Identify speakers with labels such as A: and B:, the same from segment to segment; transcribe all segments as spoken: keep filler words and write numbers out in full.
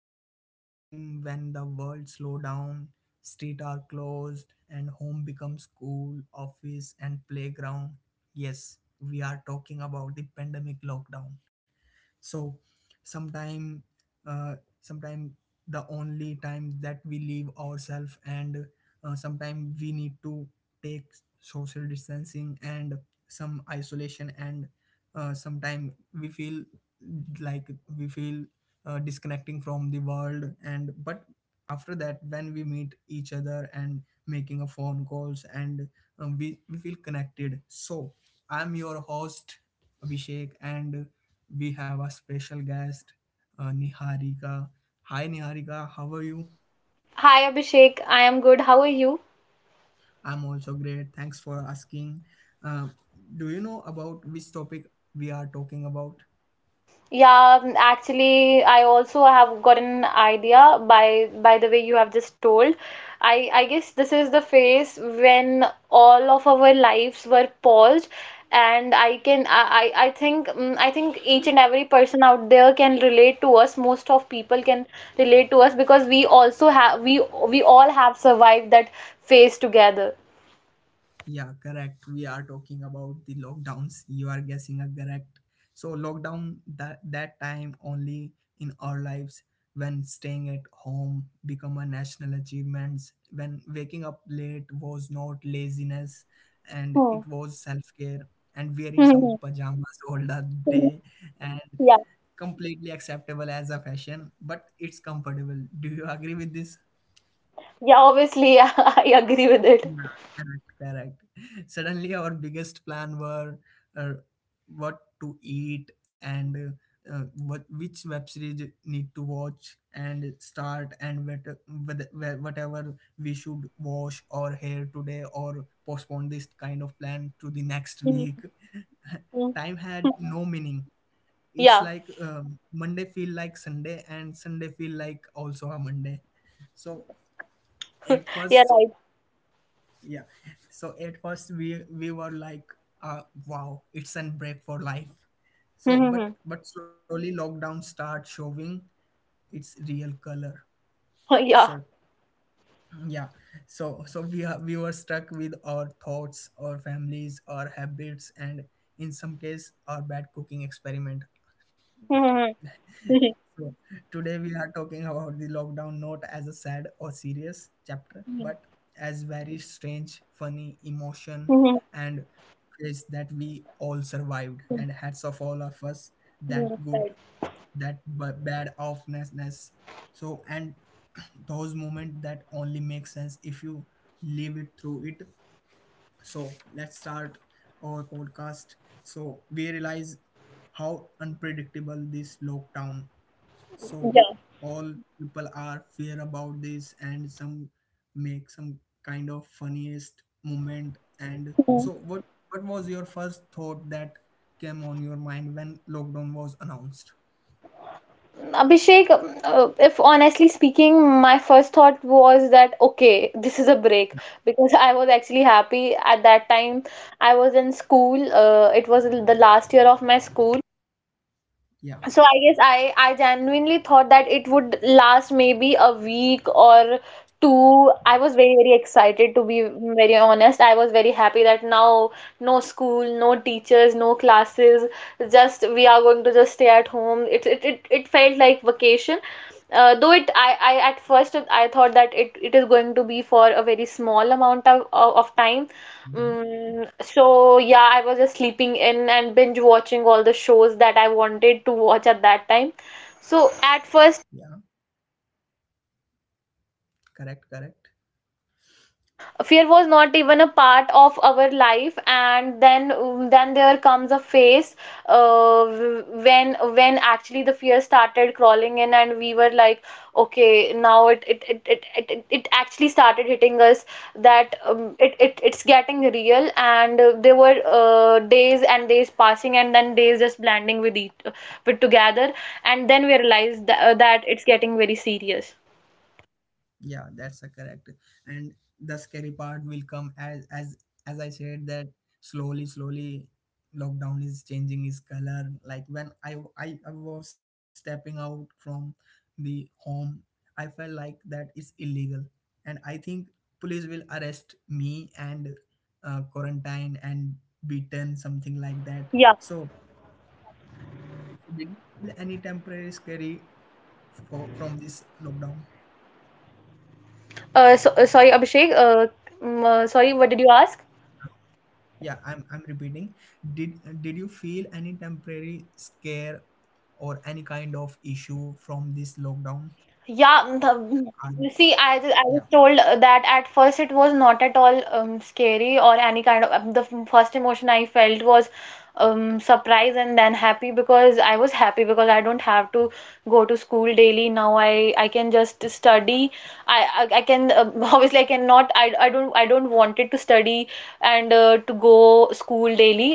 A: about a time when the world slowed down, street are closed, and home becomes school, office, and playground. Yes, we are talking about the pandemic lockdown. So sometime uh, sometime the only time that we leave ourselves, and uh, sometime we need to take social distancing and some isolation, and uh, sometime we feel like we feel uh, disconnecting from the world. And but after that, when we meet each other and making a phone calls, and um, we, we feel connected. So I'm your host Abhishek, and we have a special guest, uh, Niharika. Hi, Niharika. How are you?
B: Hi Abhishek, I am good. How are you?
A: I'm also great. Thanks for asking. Uh, do you know about which topic we are talking about?
B: Yeah, um, actually, I also have got an idea by by the way you have just told. I I guess this is the phase when all of our lives were paused, and I can I I I think mm, I think each and every person out there can relate to us. Most of people can relate to us because we also have we we all have survived that phase together.
A: Yeah, correct. We are talking about the lockdowns. You are guessing a correct. So lockdown that that time only in our lives, when staying at home become a national achievements, when waking up late was not laziness and
B: Hmm.
A: it was self-care, and wearing some pajamas all the day and
B: Yeah,
A: completely acceptable as a fashion, but it's comfortable. Do you agree with this?
B: yeah, obviously, I agree with
A: Yeah, correct, correct. Suddenly, our biggest plan were uh, what to eat, and uh, uh, what which web series need to watch and start, and what, what- whatever we should wash or hair today, or postpone this kind of plan to the next week.
B: it. Mm.
A: Time had no meaning. It's
B: Yeah,
A: like um, Monday feel like Sunday, and Sunday feel like also a Monday. So at
B: yeah,
A: first,
B: right.
A: yeah, so at first we we were like uh wow, it's an break for life. So
B: Hmm.
A: but but slowly lockdown start showing its real color. So
B: Yeah.
A: yeah, so so we are we were stuck with our thoughts, our families, our habits, and in some case our bad cooking experiment.
B: Mm-hmm.
A: So today we are talking about the lockdown not as a sad or serious chapter, but as very strange, funny emotion
B: Mm-hmm.
A: and phase that we all survived. And hats off all of us, that good,
B: Right.
A: that b- bad offness. So and those moments that only make sense if you live it through it. So let's start our podcast. So we realize how unpredictable this lockdown, so
B: Yeah.
A: all people are fair about this and some make some kind of funniest moment. And so
B: Mm.
A: what what was your first thought that came on your mind when lockdown was announced?
B: Abhishek, uh, if honestly speaking, my first thought was that okay, this is a break because I was actually happy at that time. I was in school, uh, it was the last year of my school.
A: Yeah.
B: So I guess I I genuinely thought that it would last maybe a week or two. I was very very excited to be very honest. I was very happy that now no school, no teachers, no classes. Just we are going to just stay at home. It it it, it felt like vacation. Uh, though it I, I at first I thought that it, it is going to be for a very small amount of, of of time.
A: Mhm.
B: Mm, so yeah, I was just sleeping in and binge watching all the shows that I wanted to watch at that time. So at
A: Yeah,
B: first
A: correct, correct.
B: fear was not even a part of our life, and then then there comes a phase, uh, when when actually the fear started crawling in and we were like, okay, now it it it it, it, it it actually started hitting us that um, it, it it's getting real, and uh, there were uh, days and days passing and then days just blending with each with together, and then we realized that, that it's getting very serious.
A: Yeah, that's a correct. And the scary part will come as as as I said that, slowly slowly lockdown is changing its color. Like when i i, I was stepping out from the home, I felt like that it's illegal. And I think police will arrest me, and uh, quarantine and beaten something like that. So, so did you feel any temporary scary for, from this lockdown?
B: Uh, so, uh, sorry, Abhishek. Uh, mm, uh, sorry, what did you ask?
A: Yeah, i'm i'm repeating. Did did you feel any temporary scare or any kind of issue from this lockdown?
B: Yeah, the, you
A: um,
B: see, I, ju- I was
A: yeah.
B: told uh, that at first it was not at all um, scary or any kind of. um, The f- first emotion I felt was um, surprise and then happy because I was happy because I don't have to go to school daily now. I I can just study. I I, I can um, obviously I cannot. I I don't I don't wanted to study and uh, to go school daily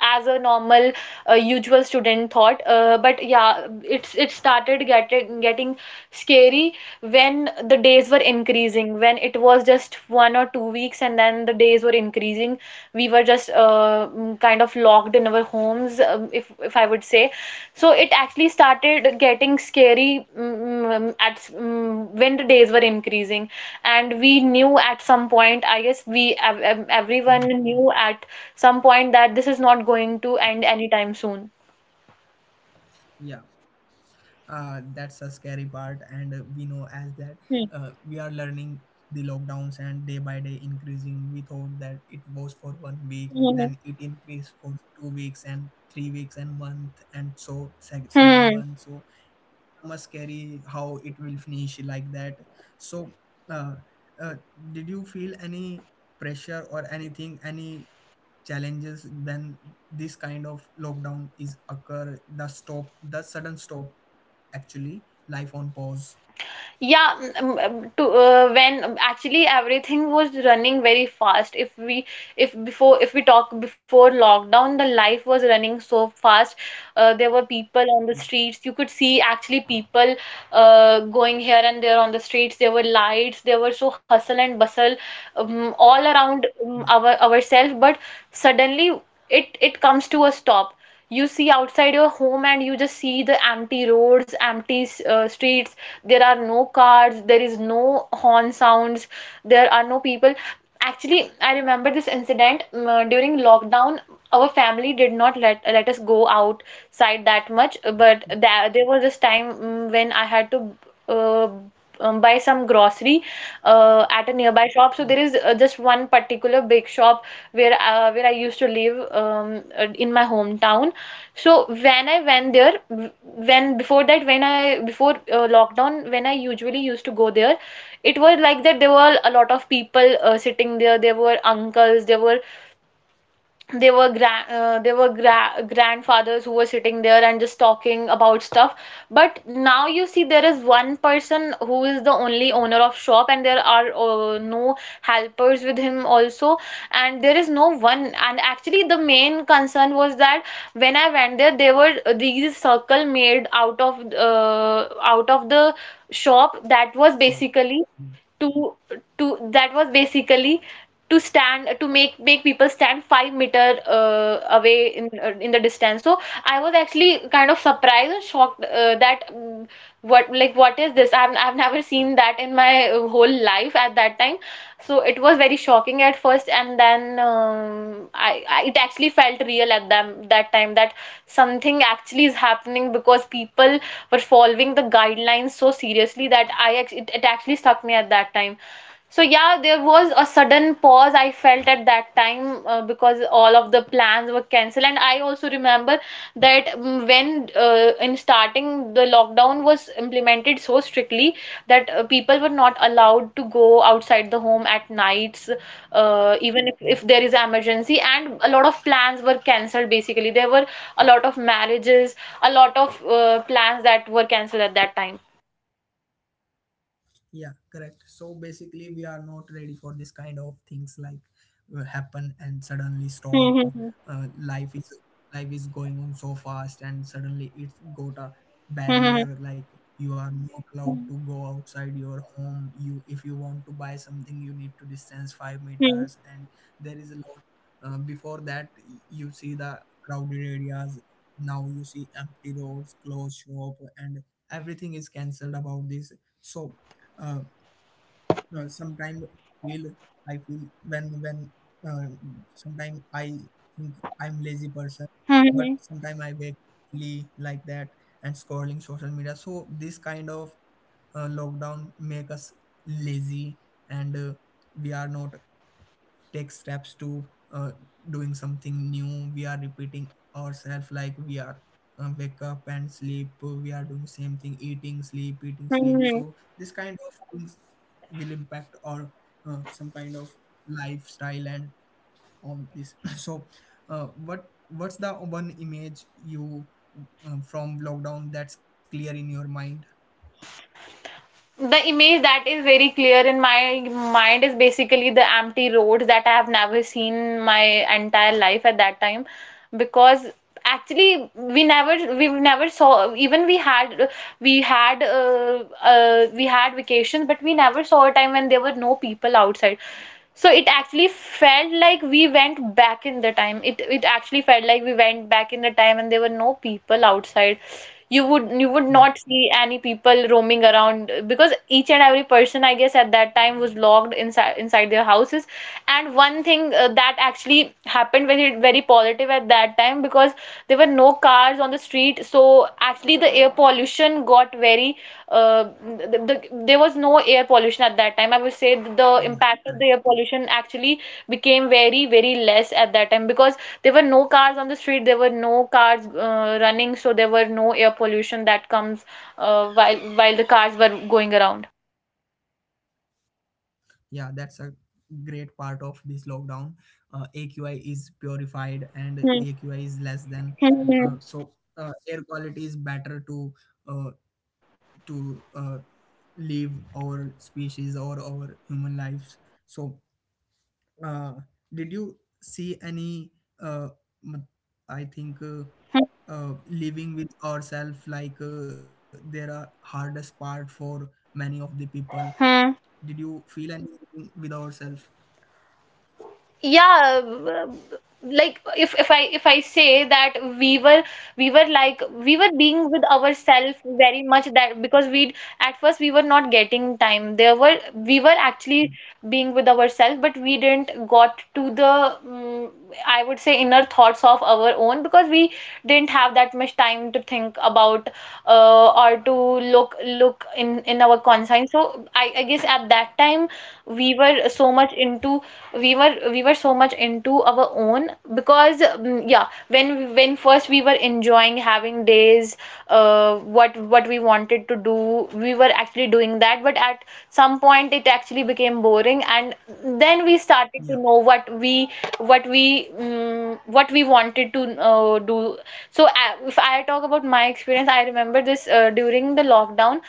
B: as a normal uh, usual student thought, uh, but yeah it's it started getting getting scary when the days were increasing, when it was just one or two weeks and then the days were increasing we were just uh, mm, kind of locked in our homes, um, if if I would say. So it actually started getting scary mm, mm, at mm, when the days were increasing, and we knew at some point. I guess we ev- ev- everyone
A: Mhm.
B: knew at some point that this is not going to end anytime soon.
A: Yeah. uh, that's a scary part. And uh, we know as that uh,
B: Hmm.
A: we are learning the lockdowns, and day by day increasing. We thought that it was for one week, then
B: Hmm.
A: it increased for two weeks and three weeks and month, and so sec- second
B: Hmm.
A: month. So a scary how it will finish like that. So uh, uh, did you feel any pressure or anything, any challenges when this kind of lockdown is occur, the stop, the sudden stop, actually life on pause?
B: Yeah, mm, mm, to uh, When um, actually everything was running very fast. If we if Before, if we talk before lockdown, the life was running so fast. Uh, there were people on the
A: Yeah.
B: streets. You could see actually people uh, going here and there on the streets. There were lights. There were so hustle and bustle um, all around
A: Yeah.
B: um, our ourselves. But suddenly it it comes to a stop. You see outside your home and you just see the empty roads, empty uh, streets. There are no cars, there is no horn sounds, there are no people. Actually, I remember this incident um, uh, during lockdown. Our family did not let let us go outside that much, but that, there was this time um, when I had to uh, um, buy some grocery uh, at a nearby shop.
A: Yeah.
B: So there is uh, just one particular big shop where uh, where I used to live, um, uh, in my hometown. So when I went there, w- when before that, when I before uh, lockdown, when I usually used to go there, it was like that there were a lot of people uh, sitting there. There were uncles, there were they were grand uh, they were gra- grandfathers who were sitting there and just talking about stuff. But now you see there is one person who is the only owner of shop and there are uh, no helpers with him also, and there is no one. And actually the main concern was that when I went there there were these circle made out of uh, out of the shop, that was
A: Sure.
B: basically
A: Yeah,
B: to to that was basically to stand, to make make people stand five meter uh, away in uh, in the distance. So I was actually kind of surprised and shocked uh, that mm, what like what is this. I've, I've never seen that in my uh, whole life at that time. So it was very shocking at first, and then um, I, I it actually felt real at them that time that something actually is happening, because people were following the guidelines so seriously that i act- it, it actually stuck me at that time. So yeah, there was a sudden pause I felt at that time, uh, because all of the plans were cancelled, and I also remember that mm, when uh, in starting the lockdown was implemented so strictly that uh, people were not allowed to go outside the home at nights, uh, even if, if
A: yeah.
B: there is emergency, and a lot of plans were cancelled basically. There were a lot of marriages, a lot of uh, plans that were cancelled at that time.
A: Yeah, correct. So basically, we are not ready for this kind of things like uh, happen and suddenly stop.
B: Hmm, hmm,
A: Uh, life is life is going on so fast, and suddenly it's got a
B: hmm.
A: barrier. Like you are not
B: Hmm,
A: allowed
B: hmm, hmm.
A: to go outside your home. You, if you want to buy something, you need to distance five
B: Hmm,
A: meters, and there is a lot. Uh, before that, y- you see the crowded areas. Now you see empty roads, closed shop, and everything is cancelled about this. So uh, uh, sometimes feel I feel when when uh, sometimes I think I'm lazy person,
B: hmm, hmm.
A: but sometimes I wake really like that and scrolling social media. So this kind of uh, lockdown make us lazy. And uh, we are not take steps to uh, doing something new. We are repeating ourselves, like we are uh, wake up and sleep. We are doing same thing, eating, sleep, eating, sleep. So
B: Hmm.
A: this kind of things will impact our uh, some kind of lifestyle and on this. So uh, what what's the one image you uh, from lockdown that's clear in your mind?
B: The image that is very clear in my mind is basically the empty roads that I have never seen in my entire life at that time, because actually we never we never saw. Even we had we had uh, uh, we had vacations, but we never saw a time when there were no people outside. So it actually felt like we went back in the time. it it actually felt like we went back in the time and there were no people outside. You would you would
A: Yeah,
B: not see any people roaming around, because each and every person I guess at that time was locked inside inside their houses. And one thing uh, that actually happened very very positive at that time, because there were no cars on the street. So actually the air pollution got very uh, the, the, there was no air pollution at that time. I would say th- the
A: yeah,
B: impact of the air pollution actually became very, very less at that time, because there were no cars on the street, there were no cars uh, running, so there were no air pollution that comes uh, while while the cars were going around.
A: yeah. That's a great part of this lockdown. uh, AQI is purified, and
B: Hmm.
A: AQI is less than
B: Hmm.
A: uh, so uh, air quality is better to uh, to uh, live our species or our human lives. So uh, did you see any uh, m- I think uh,
B: Hmm.
A: uh, living with ourselves, like uh, there are hardest part for many of the people.
B: Hmm.
A: Did you feel anything with ourselves?
B: yeah um, like if if i if I say that we were we were like we were being with ourselves very much. That because we at first we were not getting time. There were We were actually being with ourselves, but we didn't got to the mm, I would say inner thoughts of our own, because we didn't have that much time to think about, uh, or to look look in in our conscience. So I, I guess at that time we were so much into we were we were so much into our own. Because mm, yeah, when when first we were enjoying having days, uh, what what we wanted to do we were actually doing that. But at some point it actually became boring, and then we started to know what
A: Yeah,
B: we what we um, what we wanted to uh, do. So uh, if I talk about my experience, I remember this uh, during the lockdown.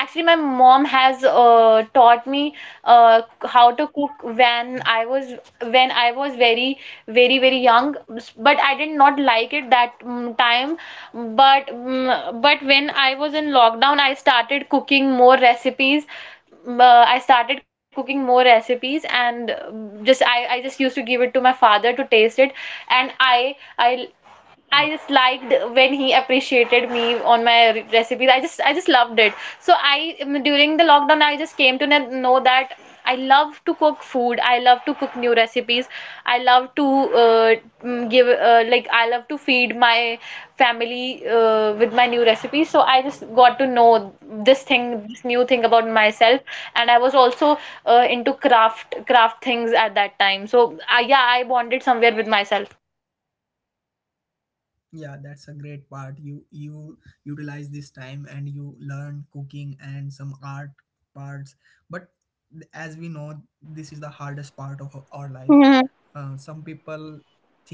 B: Actually, my mom has uh, taught me uh, how to cook when I was when I was very very very young. But I did not like it that mm, time. But mm, but when I was in lockdown, I started cooking more recipes. Mm, Uh, I started cooking more recipes, and uh, just I, I just used to give it to my father to taste it, and I I I just liked when he appreciated me on my re- recipes. I just I just loved it. So I um, during the lockdown I just came to kn- know that I love to cook food. I love to cook new recipes. I love to uh, mm, give uh, like I love to feed my family uh, with my new recipes. So I just got to know this thing, this new thing about myself, and I was also uh, into craft craft things at that time. So uh, yeah, I bonded somewhere with myself.
A: yeah. That's a great part. You you utilize this time and you learn cooking and some art parts. But th- as we know, this is the hardest part of o- our life.
B: Hmm,
A: uh, some people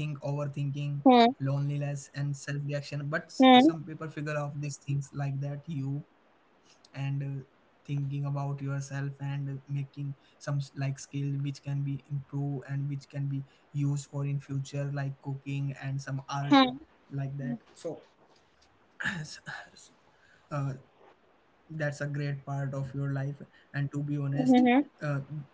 A: think overthinking,
B: hmm,
A: loneliness and self-reaction. But
B: hmm.
A: s- some people figure out these things like that you. And uh, thinking about yourself and making some s- like skill which can be improved and which can be use for in future, like cooking and some art like that. So uh, that's a great part of your life. And to be honest, uh,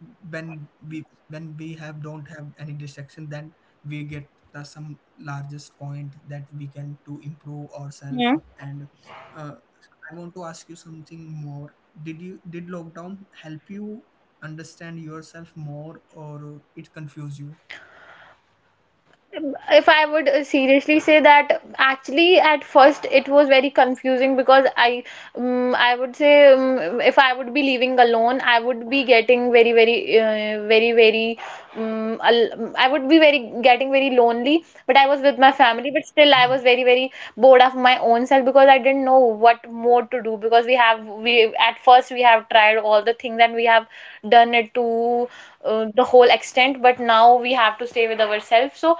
A: when we when we have don't have any distraction, then we get the some largest point that we can to improve
B: Yeah.
A: ourselves. And uh, I want to ask you something more. Did you, did lockdown help you understand yourself more, or it confuse you?
B: If I would uh, seriously say that actually at first it was very confusing because I um, I would say um, if I would be living alone I would be getting very very uh, very very um, al- I would be very getting very lonely, but I was with my family, but still I was very very bored of my own self because I didn't know what more to do, because we have we at first we have tried all the things and we have done it to uh, the whole extent. But now we have to stay with ourselves, so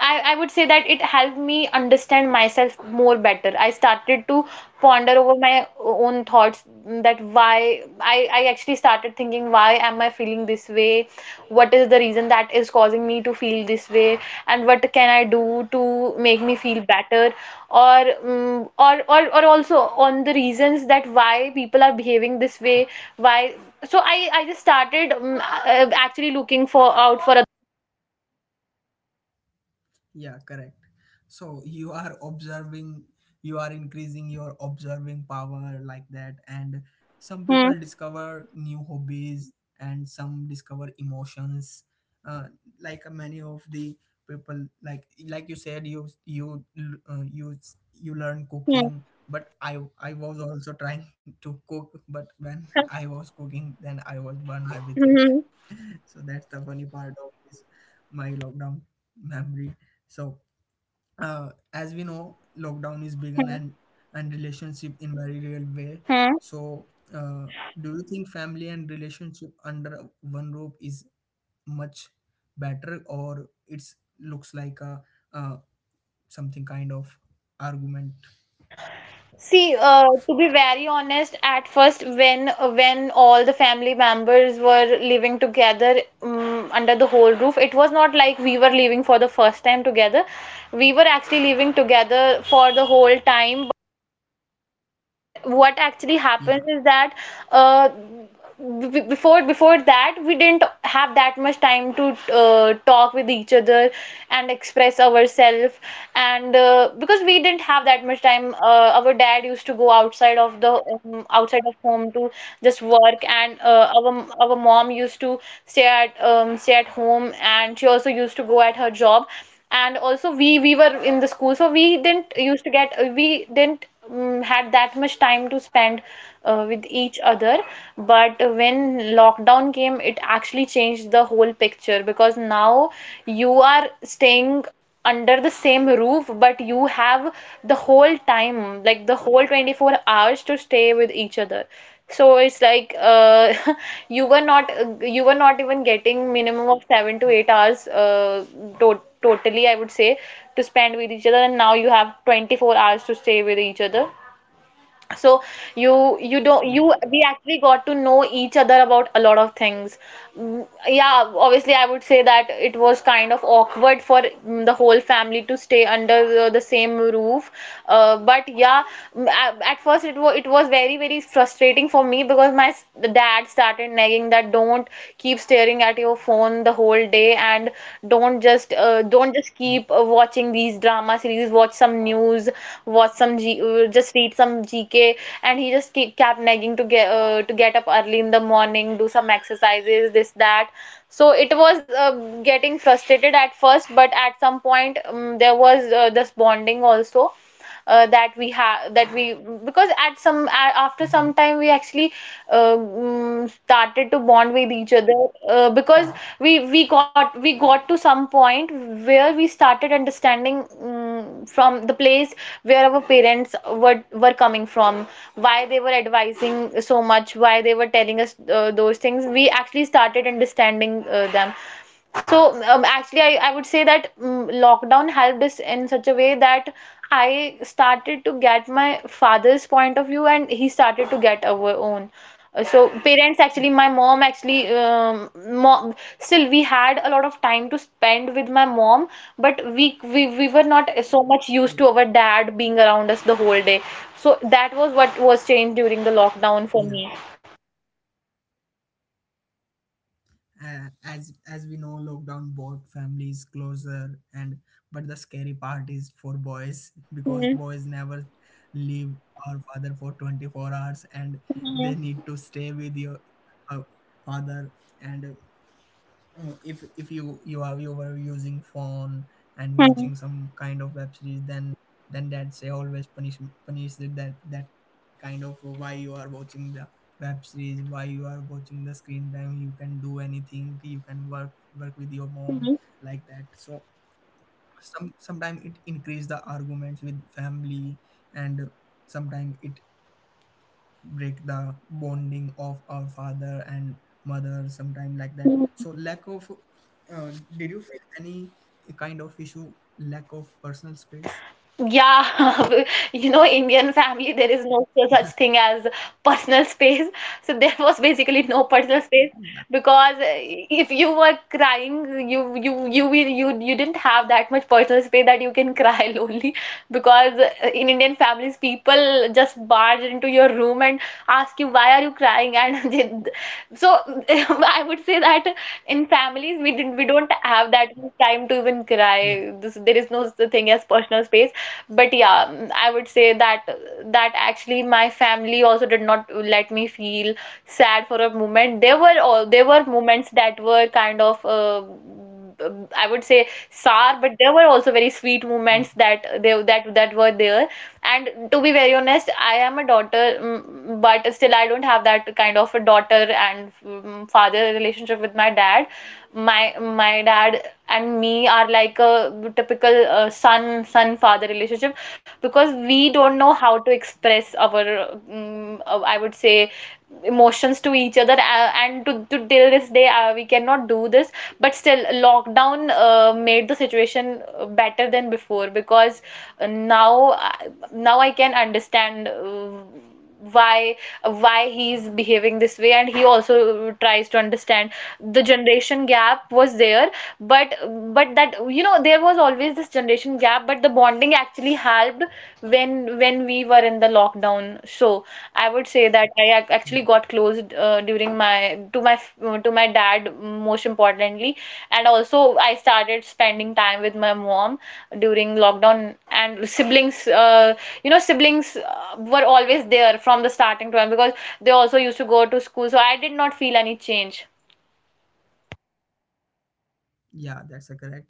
B: I, I would say that it helped me understand myself more better. I started to ponder over my own thoughts, mm, that why I, I actually started thinking, why am I feeling this way?
A: Yeah.
B: What is the reason that is causing me to feel this way? And what can I do to make me feel better? Or mm or, or or also on the reasons that why people are behaving this way, why, so I, I just started mm, uh, actually looking for out for a.
A: Yeah, correct. So you are observing, you are increasing your observing power like that. And some people
B: Hmm.
A: discover new hobbies, and some discover emotions. Uh, like uh, many of the people, like like you said, you you uh, you you learn
B: Hmm.
A: cooking. But I I was also trying to cook. But when I was cooking, then I was burned everything.
B: Mhm.
A: So that's the funny part of this, my lockdown memory. So, uh, as we know, lockdown is begun and and relationship in very real way. So, uh, do you think family and relationship under one roof is much better, or it's looks like a uh, something kind of argument?
B: See, uh, to be very honest, at first, when when all the family members were living together, um, under the whole roof, it was not like we were living for the first time together. We were actually living together for the whole time. What what actually happens
A: Yeah,
B: is that uh, b- b- before before that we didn't have that much time to uh, talk with each other and express ourselves, and uh, because we didn't have that much time, uh, our dad used to go outside of the, um, outside of home, to just work, and uh, our our mom used to stay at, um, stay at home, and she also used to go at her job. And also we we were in the school, so we didn't used to get uh, we didn't um, had that much time to spend uh, with each other. But when lockdown came, it actually changed the whole picture, because now you are staying under the same roof, but you have the whole time, like the whole twenty-four hours to stay with each other. So it's like, uh, you were not, uh, you were not even getting minimum of seven to eight hours, uh, to- totally I would say, to spend with each other, and now you have twenty-four hours to stay with each other. So you you don't you
A: yeah,
B: we
A: yeah.
B: actually got to know each other about a lot of things. Mm, yeah obviously I would say that it was kind of awkward for, mm, the whole family to stay under the, the same roof, uh, but yeah. Mm, a- at first, it was it was very very frustrating for me, because my s- dad started nagging that, don't keep staring at your phone the whole day, and don't just, uh, don't just keep, uh, watching these drama series, watch some news, watch some G uh, just read some G K. And he just keep kept nagging to get uh, to get up early in the morning, do some exercises, this that. So it was, uh, getting frustrated at first, but at some point, um, there was, uh, this bonding also, uh, that we have that we because at some a
A: Mm-hmm.
B: after some time we actually, uh, mm, started to bond with each other, uh,
A: Yeah. Mhm.
B: because we we got we got to some point where we started understanding, mm from the place where our parents were were coming from, why they were advising so much, why they were telling us, uh, those things. We actually started understanding, uh, them. So, um, actually, I, I would say that mm lockdown helped us in such a way that I started to get my father's point of view, and he started to get our own. Uh, So parents actually, my mom, actually, um, mom, still we had a lot of time to spend with my mom, but we, we we were not so much
A: Yeah,
B: used to our dad being around us the whole day. So that was what was changed during the lockdown
A: yeah.
B: for me.
A: Uh, as as we know, lockdown brought families closer. And but the scary part is for boys, because
B: Hmm.
A: boys never leave our father for twenty-four hours, and
B: Hmm.
A: they need to stay with your uh, father. And uh, if if you you are you were using phone and
B: Hmm.
A: watching some kind of web series, then then that's a always punish punish, that that that kind of why you are watching the web series, why you are watching the screen time. You can do anything, you can work work with your mom like that. So some sometimes it increase the arguments with family, and sometimes it break the bonding of our father and mother sometime like that. So
B: Hmm.
A: lack of uh, did you feel any kind of issue, lack of personal space?
B: Yeah, you know, Indian family, there is no such thing as personal space. So there was basically no personal space,
A: Yeah.
B: because uh, if you were crying, you you you will you you didn't have that much personal space that you can cry lonely, because uh, in Indian families, people just barge into your room and ask you, why are you crying? And they, so I would say that, in families, we didn't we don't have that much time
A: Yeah,
B: to even cry. This, there is no such thing as personal space. But yeah, mm, I would say that, that actually my family also did not let me feel sad for a moment. There were all there were moments that were kind of, uh, I would say, sour, but there were
A: yeah.
B: also very sweet moments that they that that were there. And to be very honest, I am a daughter, mm, but still I don't have that kind of a daughter and, mm, father relationship with my dad. My my dad and me are like a typical, uh, son son father relationship, because we don't know how to express our, mm, uh, I would say, emotions to each other, uh, and to, to till this day, uh, we cannot do this. But still lockdown, uh, made the situation, uh, better than before, because, uh, now now I can understand, uh, why why he's behaving this way, and he also tries to understand. The generation gap was there, but but that you know there was always this generation gap, but the bonding actually helped when when we were in the lockdown. So I would say that
A: Correct.
B: I ac- actually got close, uh, during my to my f- to my dad, most importantly. And also I started spending time with my mom during lockdown. And siblings, uh, you know siblings uh, were always there from the starting time, because they also used to go to school, so I did not feel any change.
A: Yeah, that's a correct. And uh,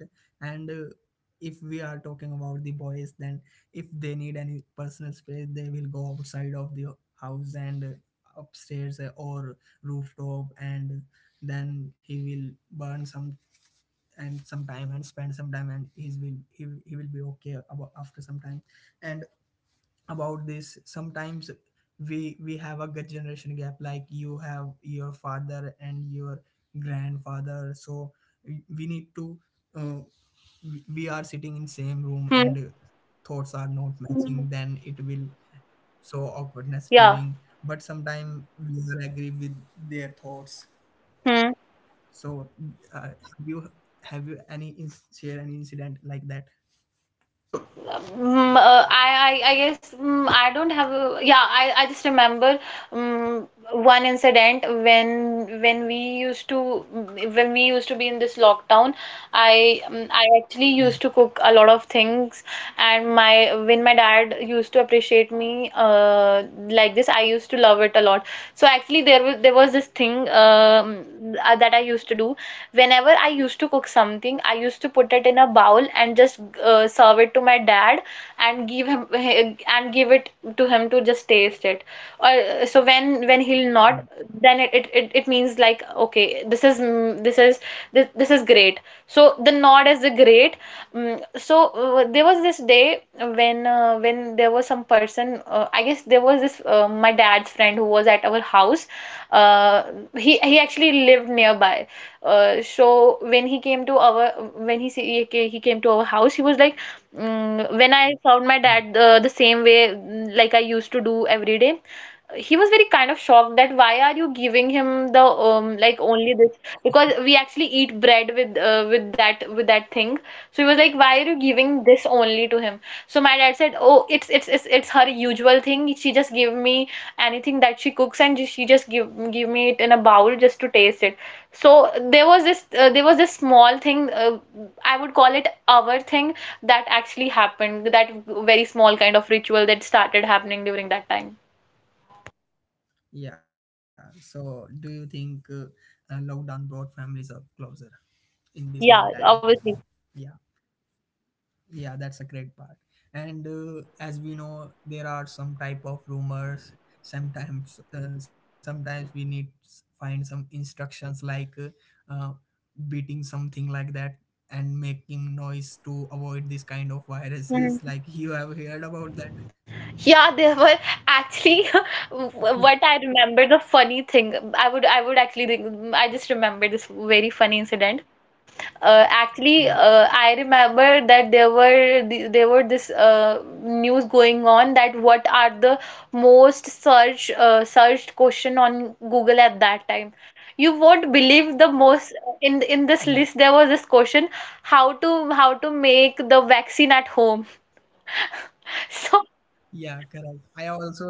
A: if we are talking about the boys, then if they need any personal space, they will go outside of the house and uh, upstairs uh, or rooftop. And then he will burn some and some time and spend some time, and he's will he, he will be okay about after some time. And about this sometimes we we have a good generation gap. Like you have your father and your grandfather, so we we need to uh, we we are sitting in same room, and uh,
B: Hmm.
A: thoughts are not matching, then it will so awkwardness feeling.
B: Yeah.
A: But sometimes we will agree with their thoughts. So, uh, have you have you any ins- share any incident like that?
B: Mm, mm, uh, I, I I guess, mm, I don't have a. Yeah, I, I just remember, um, one incident when when we used to mm, when we used to be in this lockdown. I um, I actually
A: Yeah,
B: used to cook a lot of things. And my when my dad used to appreciate me, uh, like this, I used to love it a lot. So actually there was there was this thing, um, uh, that I used to do. Whenever I used to cook something, I used to put it in a bowl and just, uh, serve it to my dad, and give him, and give it to him to just taste it. Uh, so when when he'll
A: mm,
B: not, then it, it it it means like, okay, this is, mm, this is this, this is great. So the nod is the great. Mm, so uh, there was this day when uh, when there was some person, uh, I guess there was this, uh, my dad's friend, who was at our house. uh, he he actually lived nearby. Uh, so when he came to our when he see, he came to our house. He was like, mm, when I found my
A: yeah,
B: dad, uh, the same way, mm, like I used to do every day. He was very kind of shocked that, why are you giving him the, um like, only this? Because we actually eat bread with, uh, with that with that thing. So he was like, why are you giving this only to him? So my dad said, oh, it's it's it's, it's her usual thing, she just give me anything that she cooks, and she just give give me it in a bowl just to taste it. So there was this uh, there was this small thing, uh, I would call it our thing, that actually happened, that very small kind of ritual that started happening during that time.
A: yeah. So, do you think uh, uh, lockdown brought families up closer in this meantime?
B: Yeah, obviously.
A: Yeah. Yeah, that's a great part. And uh, as we know, there are some type of rumors. Sometimes, uh, sometimes we need s- find some instructions like uh, uh, beating something like that and making noise to avoid this kind of viruses. Like
B: Mm.
A: you have heard about that?
B: Yeah, there were actually what I remember, the funny thing. I would I would actually think- I just remember this very funny incident.
A: Yeah,
B: Uh, actually, uh, I remember that there were the- there were this, uh, news going on, that what are the most search uh, searched question on Google at that time. You won't believe the
A: yeah,
B: most. In in this list there was this question, how to how to make the vaccine at home. So
A: yeah. Correct. I also,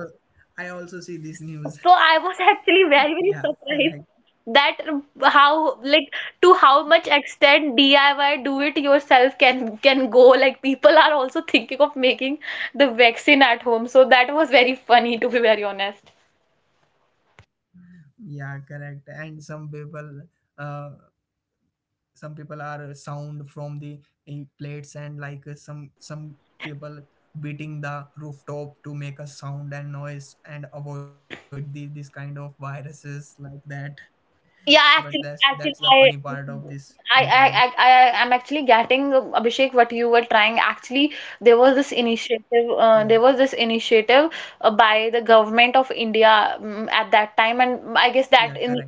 A: I also see this news.
B: So I was, actually
A: Yeah,
B: very, very
A: correct.
B: surprised that, how, like, to how much extent D I Y, do it yourself, can can go. Like, people are also thinking of making the vaccine at home. So that was very funny, to be very honest.
A: Yeah, correct. And some people uh, some people are uh, sound from the uh, plates and like uh, some some people beating the rooftop to make a sound and noise and avoid the this kind of viruses like that but that's
B: Yeah,
A: that's the
B: actually,
A: funny part
B: actually,
A: of this lockdown.
B: I, I, I, I, I am actually getting, uh, Abhishek, what you were trying. Actually, there was this initiative.
A: Yeah,
B: Uh, there was this initiative uh, by the government of India um, at that time, and I
A: yeah,
B: guess
A: correct.
B: that in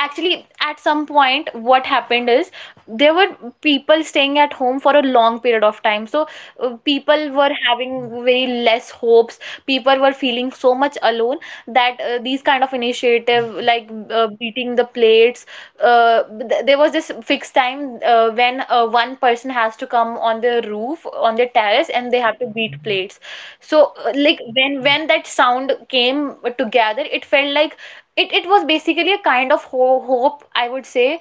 B: actually at some point what happened is there were people staying at home for a long period of time, so uh, people were
A: Yeah,
B: having very less hopes. People were feeling so much alone that uh, these kind of initiative
A: yeah.
B: like uh, beating the plates, uh, th- there was this fixed time uh, when uh, one person has to come on the roof, on the terrace, and they have to beat
A: Mhm.
B: plates. So uh, like when
A: Yeah,
B: when that sound came together, it felt like it it was basically a kind of ho hope, I would say.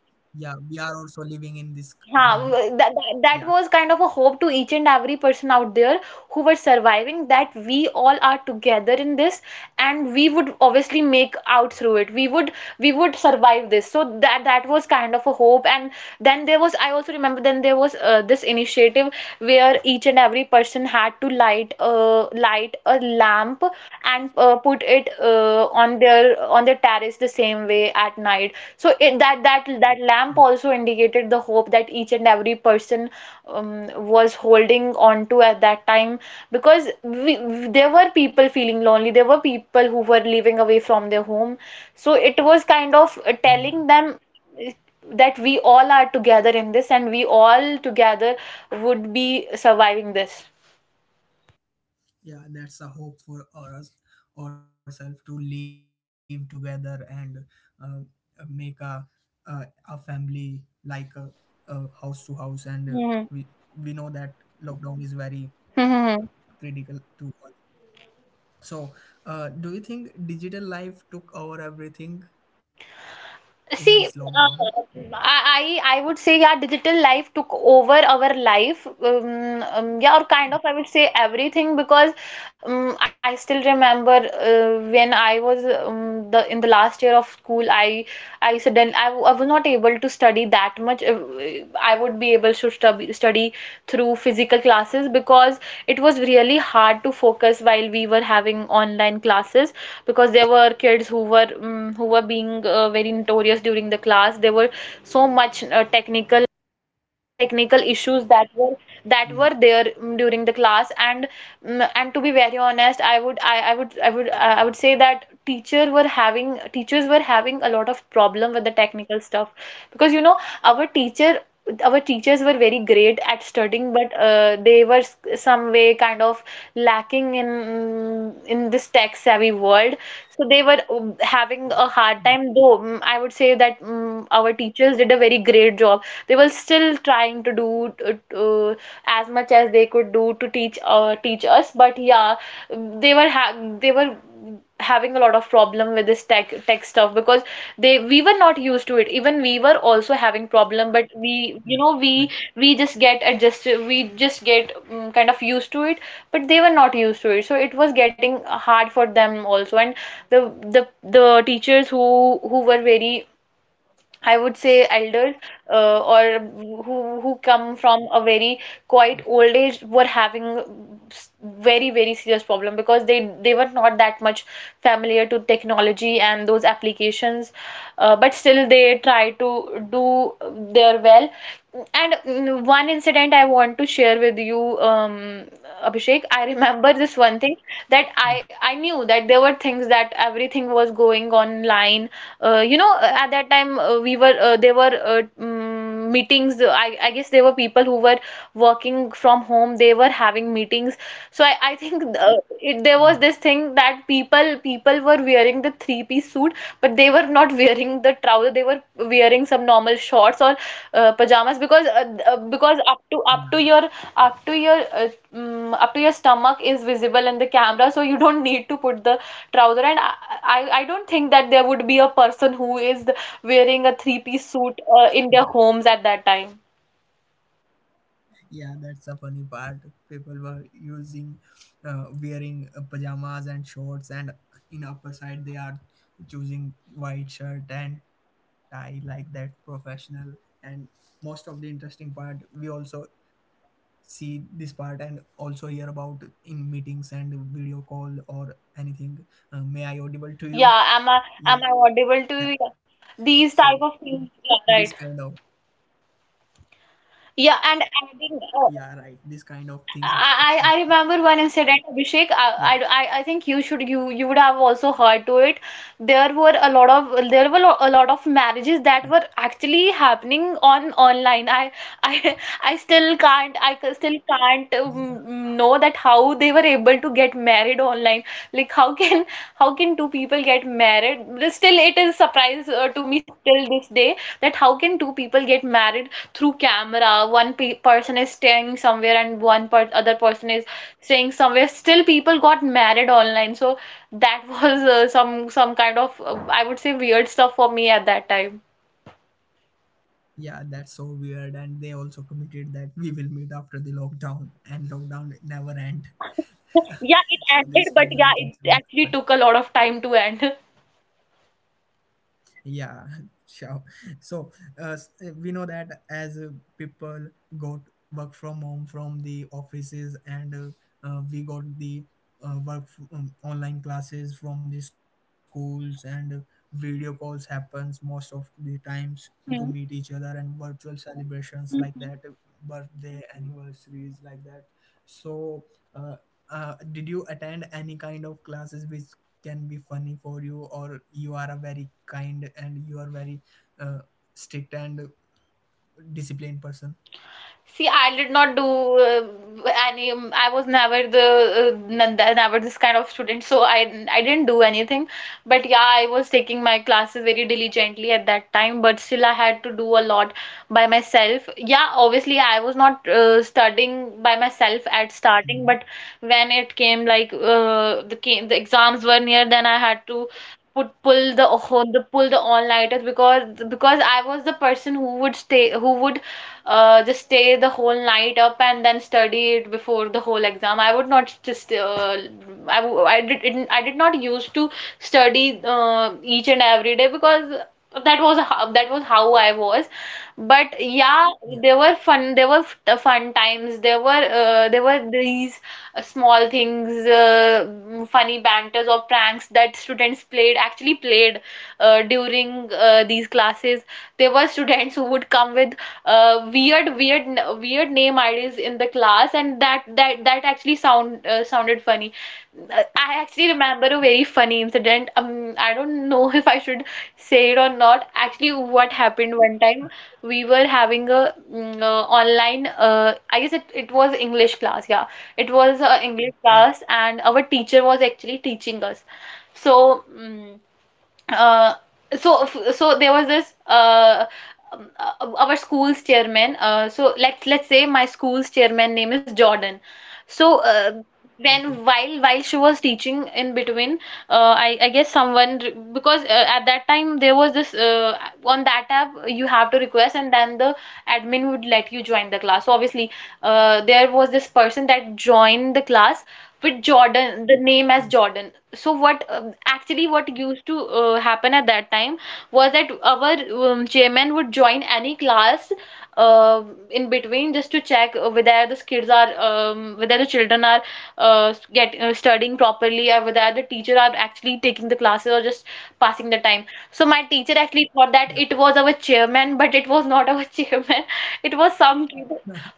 A: yeah, we are also living in this c-
B: Ha
A: world.
B: That, that that
A: Yeah,
B: was kind of a hope to each and every person out there who were surviving, that we all are together in this and we would obviously make out through it. We would, we would survive this. So that that was kind of a hope. And then there was, I also remember, then there was uh, this initiative where each and every person had to light uh, light a lamp and uh, put it uh, on their, on their terrace the same way, at night. So it, that that that
A: yeah,
B: lamp also indicated the hope that each and every person um, was holding on to at that time, because we, there were people feeling lonely. There were people who were living away from their home. So it was kind of uh,
A: yeah.
B: telling them uh, that we all are together in this and we all together would be surviving this.
A: Yeah, that's a hope for us ourselves to live together and uh, make a uh, a family like a, a house to house and uh, we
B: hmm
A: we know that lockdown is very
B: hmm
A: critical to us. So uh, do you think digital life took over everything in this
B: See,
A: lockdown?
B: uh, I, I I would say yeah, digital life took over our life. Um, um, yeah, or kind of,
A: Yeah,
B: I would say everything, because um, I still remember uh, when I was um, the in the last year of school, I I suddenly I, w- I was not able to study that much. Uh, I would be able to study study through physical classes, because it was really hard to focus while we were having online classes, because there were kids who were mm who were being uh, very notorious during the class. There were so much uh, technical uh, technical issues that were
A: yeah,
B: that were there mm, during the class. And mm, and to be very honest, i would i, I would i would i would say that teacher were having teachers were having a lot of problem with the technical stuff, because you know, our teacher our teachers were very great at studying, but uh, they were s- some way kind of lacking in mm, in this tech savvy world. So they were um, having a
A: yeah.
B: hard time, though mm, I would say that mm, our teachers did a very great job. They were still trying to do uh, as much as they could do to teach uh, teach us, but yeah, they were ha- they were having a lot of problem with this tech tech stuff, because they we were not used to it. Even we were also having problem, but
A: Yeah,
B: we, you know,
A: right.
B: we we just get adjusted, we just get um, kind of used to it, but they were not used to it, so it was getting hard for them also. And the the the teachers who who were very, I would say elders, uh, or who who come from a very quite old age were having s- very very serious problem, because they they were not that much familiar to technology and those applications, uh, but still they try to do their well. And mm, one incident I want to share with you, um, Abhishek. I remember this one thing, that
A: Yeah,
B: I I knew that there were things, that everything was going online. Uh, you know, uh, at that time uh, we were uh, there were uh, mm, meetings. I I guess there were people who were working from home. They were having meetings. So I I think uh, it, there
A: yeah,
B: was this thing that people people were wearing the three piece suit, but they were not wearing the trouser. They were wearing some normal shorts or uh, pajamas, because uh, uh, because up to up to your up to your uh, mm, up to your stomach is visible in the camera, so you don't need to put the trouser. And I, I I don't think that there would be a person who is wearing a three piece suit uh,
A: yeah.
B: in their homes at that time.
A: Yeah, that's a funny part. People were using, uh, wearing uh, pajamas and shorts, and in upper side they are choosing white shirt and tie like that professional. And most of the interesting part, we also see this part and also hear about in meetings and video call or anything. Uh, may I audible to you?
B: Yeah, am I, am
A: Yeah.
B: I audible to you?
A: So
B: These type of
A: this
B: things,
A: kind of,
B: yeah, right. Yeah, and adding
A: yeah, right.
B: uh,
A: This kind of things.
B: I, I I remember one incident, Abhishek.
A: Yeah,
B: I, I, I think you should, you you would have also heard to it. There were a lot of, there were lo- a lot of
A: yeah.
B: marriages that were actually happening on online. I I I still can't, I ca- still can't um, know that how they were able to get married online. Like how can, how can two people get married? Still, it is surprise uh, to me, still this day, that how can two people get married through camera. One pe- person is staying somewhere and one per- other person is staying somewhere, still people got married online. So that was uh, some some kind of uh, I would say weird stuff for me at that time.
A: Yeah, that's so weird. And they also committed that we will meet after the lockdown, and lockdown never end.
B: Yeah, it
A: So these
B: ended, but
A: kind
B: yeah,
A: of
B: it
A: things will
B: actually took
A: happen.
B: a lot of time to end.
A: Yeah. Sure. So uh, s- uh, we know that as uh, people got work from home from the offices and uh, uh, we got the uh, work f- um, online classes from the schools and uh, video calls happens most of the times to meet each other and virtual celebrations
B: Hmm.
A: like that, uh, birthday anniversaries like that. So uh, uh, did you attend any kind of classes which can be funny for you, or you are a very kind and you are very uh, strict and disciplined person?
B: See, I did not do uh, any. um, I was never the uh, n- n- never this kind of student, so I I didn't do anything. But yeah, I was taking my classes very diligently at that time. But still, I had to do a lot by myself. Yeah, obviously, I was not uh, studying by myself at starting, but
A: Mhm.
B: when it came like uh, the came, the exams were near, then I had to put pull the whole the pull the all-nighters, because because I was the person who would stay, who would uh, just stay the whole night up and then study it before the whole exam. I would not just uh, I, w- I did didn't I did not used to study uh, each and every day, because that was how, that was how I was. But yeah, there
A: Yeah,
B: were fun, there were f- uh, fun times. There were uh, there were these uh, small things, uh, mm, funny banters or pranks that students played actually played uh, during uh, these classes. There were students who would come with uh, weird weird weird name ideas in the class, and that that that actually sound uh, sounded funny. Uh, I actually remember a very funny incident. um I don't know if I should say it or not. Actually, what happened, one time we were having a mm, uh, online uh, I guess it, it was English class. Yeah, it was a English class,
A: yeah.
B: and our teacher was actually teaching us. So mm uh, so so there was this uh, um, uh, our school's chairman. Uh, so let's let's say my school's chairman name is Jordan. So uh, then
A: Okay.
B: while while she was teaching in between, uh, I, I guess someone re- because uh, at that time there was this uh, on that app you have to request, and then the admin would let you join the class. So obviously uh, there was this person that joined the class with Jordan, the name as
A: Yeah,
B: Jordan. So what um, actually what used to uh, happen at that time was that our um, chairman would join any class uh, in between, just to check uh, whether the kids are um, whether the children are uh, get uh, studying properly, or whether the teacher are actually taking the classes or just passing the time. So my teacher actually thought that
A: yeah.
B: it was our chairman, but it was not our chairman. It was some kid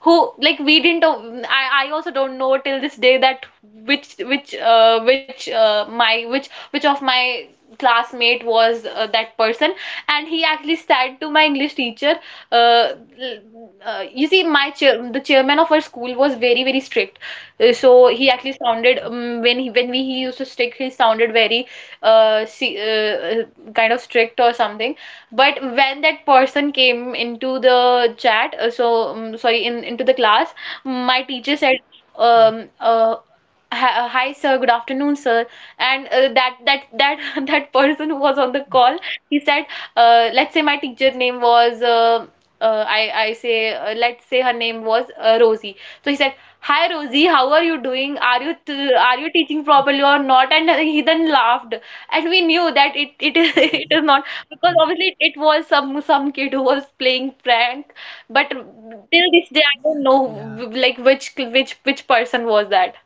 B: who, like, we didn't o- I I also don't know till this day that which which uh, which uh, my which which of my classmate was uh, that person. And he actually said to my English teacher, uh, uh, you see, my chair the chairman of our school was very very strict. Uh, so he actually sounded um, when he, when we he used to stick he sounded very uh, see, uh uh, kind of strict or something. But when that person came into the chat uh, so um, sorry in into the class, my teacher said,
A: Yeah.
B: um uh, "Hi, uh, hi, sir. Good afternoon, sir." And uh, that that that that person who was on the call, he said, uh, "Let's say my teacher name was uh, uh, I I say uh, let's say her name was uh, Rosie." So he said, "Hi, Rosie. How are you doing? "Are you t are you teaching properly or not?" And he then laughed, and we knew that it it is
A: Oh
B: it
A: my
B: is not
A: God.
B: because obviously it was some some kid who was playing prank, but till this day I don't know
A: Yeah.
B: like which which which person was that.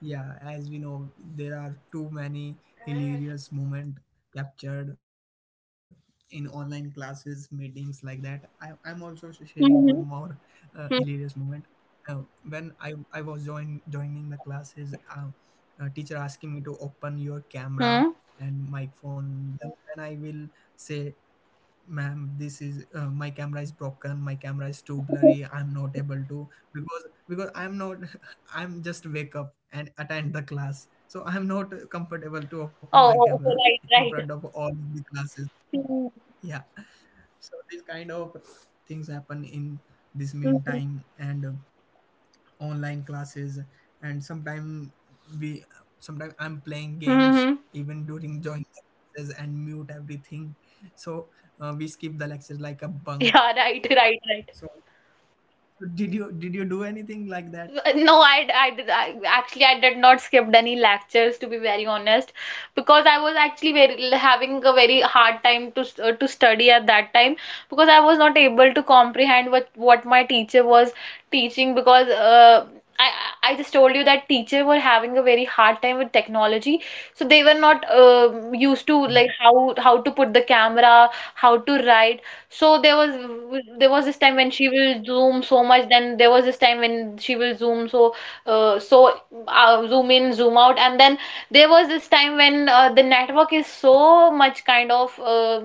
A: Yeah, as we know, there are too many hilarious moments captured in online classes, meetings like that. I, I'm also sh- sharing one more
B: Hmm.
A: uh, hilarious
B: Hmm.
A: moment. Uh, when I, I was join, joining the classes, uh, uh, teacher asking me to open your
B: Hmm.
A: camera and microphone. Then, then I will say, ma'am, this is uh, my camera is broken, my camera is too blurry, I'm not able to, because because I'm not I'm just wake up and attend the class, so I'm not comfortable to open my
B: Oh, oh,
A: camera
B: okay,
A: in
B: right,
A: front
B: right.
A: of all of the classes.
B: Hmm.
A: Yeah, so these kind of things happen in this meantime, and um, online classes, and sometimes we sometimes I'm playing
B: Hmm.
A: games
B: hmm.
A: even during joining the classes and mute everything. So uh, we skip the lectures like a
B: Yeah,
A: bunk.
B: right, right, right.
A: So did you did you do anything like that?
B: No, I, I, I actually I did not skip any lectures to be very honest, because I was actually very having a very hard time to st- uh, to study at that time because I was not able to comprehend what what my teacher was teaching because uh, I I just told you that teacher were having a very hard time with technology, so they were not uh used to like
A: Yeah,
B: how how to put the camera, how to write, so there was there was this time when she will zoom so much, then there was this time when she will zoom so uh, so uh, zoom in, zoom out, and then there was this time when uh, the network is so much kind of uh,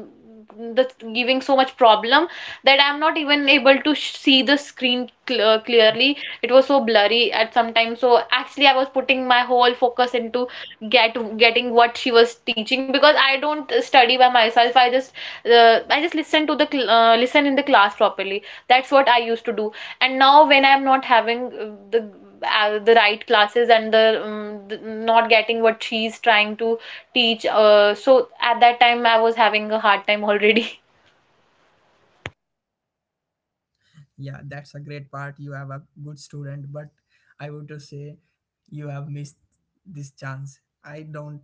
B: the giving so much problem that I'm not even able to sh see the screen cl uh, clearly. It was so blurry at some time. So actually, I was putting my whole focus into get getting what she was teaching because I don't study by myself. I just uh, I just listen to the cl- uh, listen in the class properly. That's what I used to do, and now when I'm not having uh, the uh, the right classes and the, um, the not getting what she's trying to teach, uh, so at that time I was having a hard time already.
A: yeah, that's a great part, you have a good student, but I would just say you have missed this chance, I don't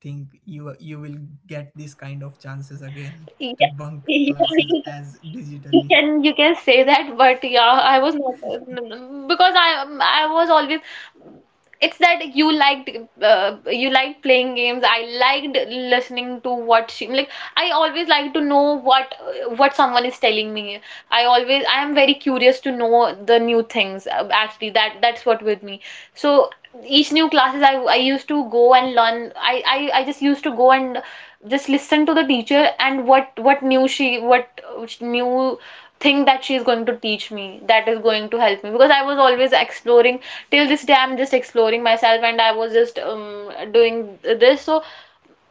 A: think you you will get this kind of chances again
B: Yeah.
A: to bunk classes
B: Yeah.
A: as digitally.
B: You can you can say that, but yeah, I was not because I I was always, it's that you liked, uh, you liked playing games. I liked listening to what she like. I always like to know what what someone is telling me. I always, I am very curious to know the new things. uh, Actually, that that's what with me. So each new classes I I used to go and learn. I I, I just used to go and just listen to the teacher and what what new she what uh, new thing that she is going to teach me that is going to help me, because I was always exploring. Till this day I'm just exploring myself, and I was just um, doing this. So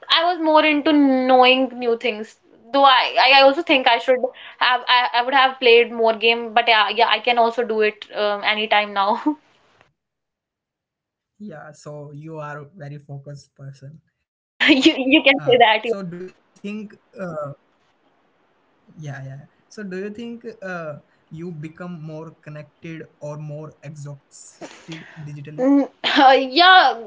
B: I was more into knowing new things, though i I also think I should have, i, I would have played more game, but yeah yeah, I can also do it um, anytime now.
A: Yeah, so you are a very focused
B: you
A: person.
B: you can say
A: Uh,
B: that.
A: so do you think, uh, yeah, yeah, yeah. So do you think uh, you become more connected or more exhausted
B: Mm,
A: digitally?
B: yeah.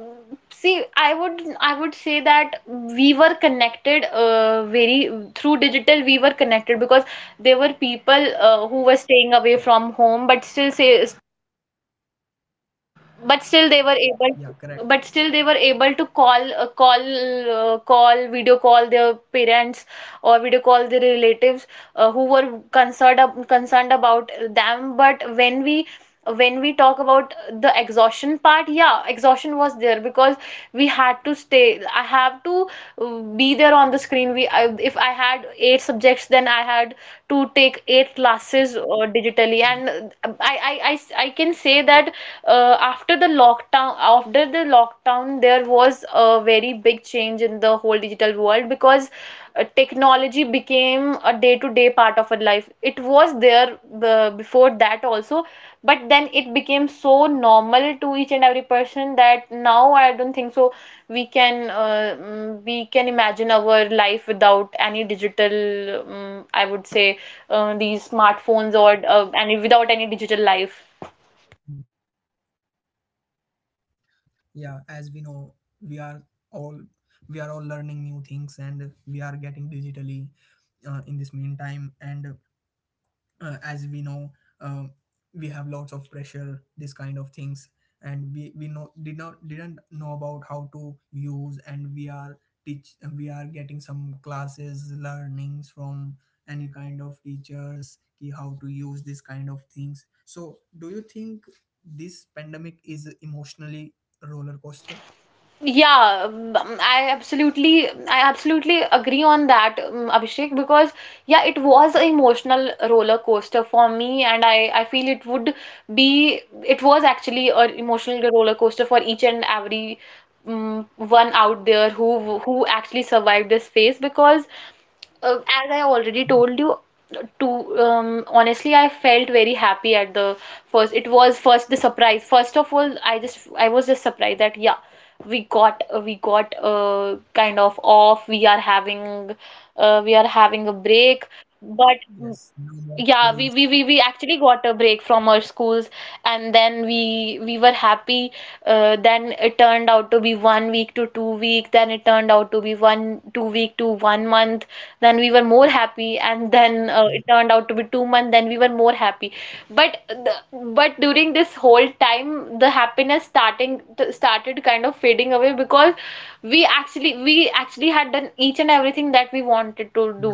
B: See, I would I would say that we were connected uh, very through digital. We were connected because there were people uh, who were staying away from
A: Yeah,
B: home, but still say but still they were able to, but still they
A: yeah,
B: were able
A: correct.
B: to call uh, call uh, call video call their parents, or video call their relatives uh, who were concerned ab- concerned about them. But when we when we talk about the exhaustion part, yeah, exhaustion was there because we had to stay, I have to uh, be there on the screen. We I, if I had eight subjects, then I had to take eight classes uh, digitally. And
A: Yeah.
B: uh, I, I i i can say that uh, after the lockdown, after the lockdown there was a very big change in the whole digital world, because uh, technology became a day-to-day part of our life. It was there uh, before that also, but then it became so normal to each and every person that now I don't think so we can uh, mm, we can imagine our life without any digital, um, I would say uh, these smartphones or uh, any without any digital life.
A: Yeah, as we know, we are all we are all learning new things and we are getting digitally uh, in this meantime, and uh, as we know, um, we have lots of pressure, this kind of things, and we we know did not didn't know about how to use, and we are teach we are getting some classes, learnings from any kind of teachers ki how to use this kind of things. So do you think this pandemic is emotionally roller coaster?
B: Yeah, um, I absolutely, I absolutely agree on that, um, Abhishek, because yeah, it was an emotional roller coaster for me, and I, I feel it would be, it was actually an emotional roller coaster for each and every um, one out there who who actually survived this phase, because uh,
A: Mhm.
B: as I already told you, to um, honestly, I felt very happy at the first. It was first the surprise. First of all, I just I was just surprised that yeah, we got we got uh, kind of off. We are having uh, we are having a break,
A: Yes, no more
B: but
A: schools.
B: yeah, we, we, we, we actually got a break from our schools, and then we we were happy. Uh, then it turned out to be one week to two week, then it turned out to be one two week to one month. Then we were more happy, and
A: Yeah,
B: then uh, it turned out to be two month. Then we were more happy. But the, but during this whole time, the happiness starting started kind of fading away because we actually we actually had done each and everything
A: yeah.
B: that we wanted to do.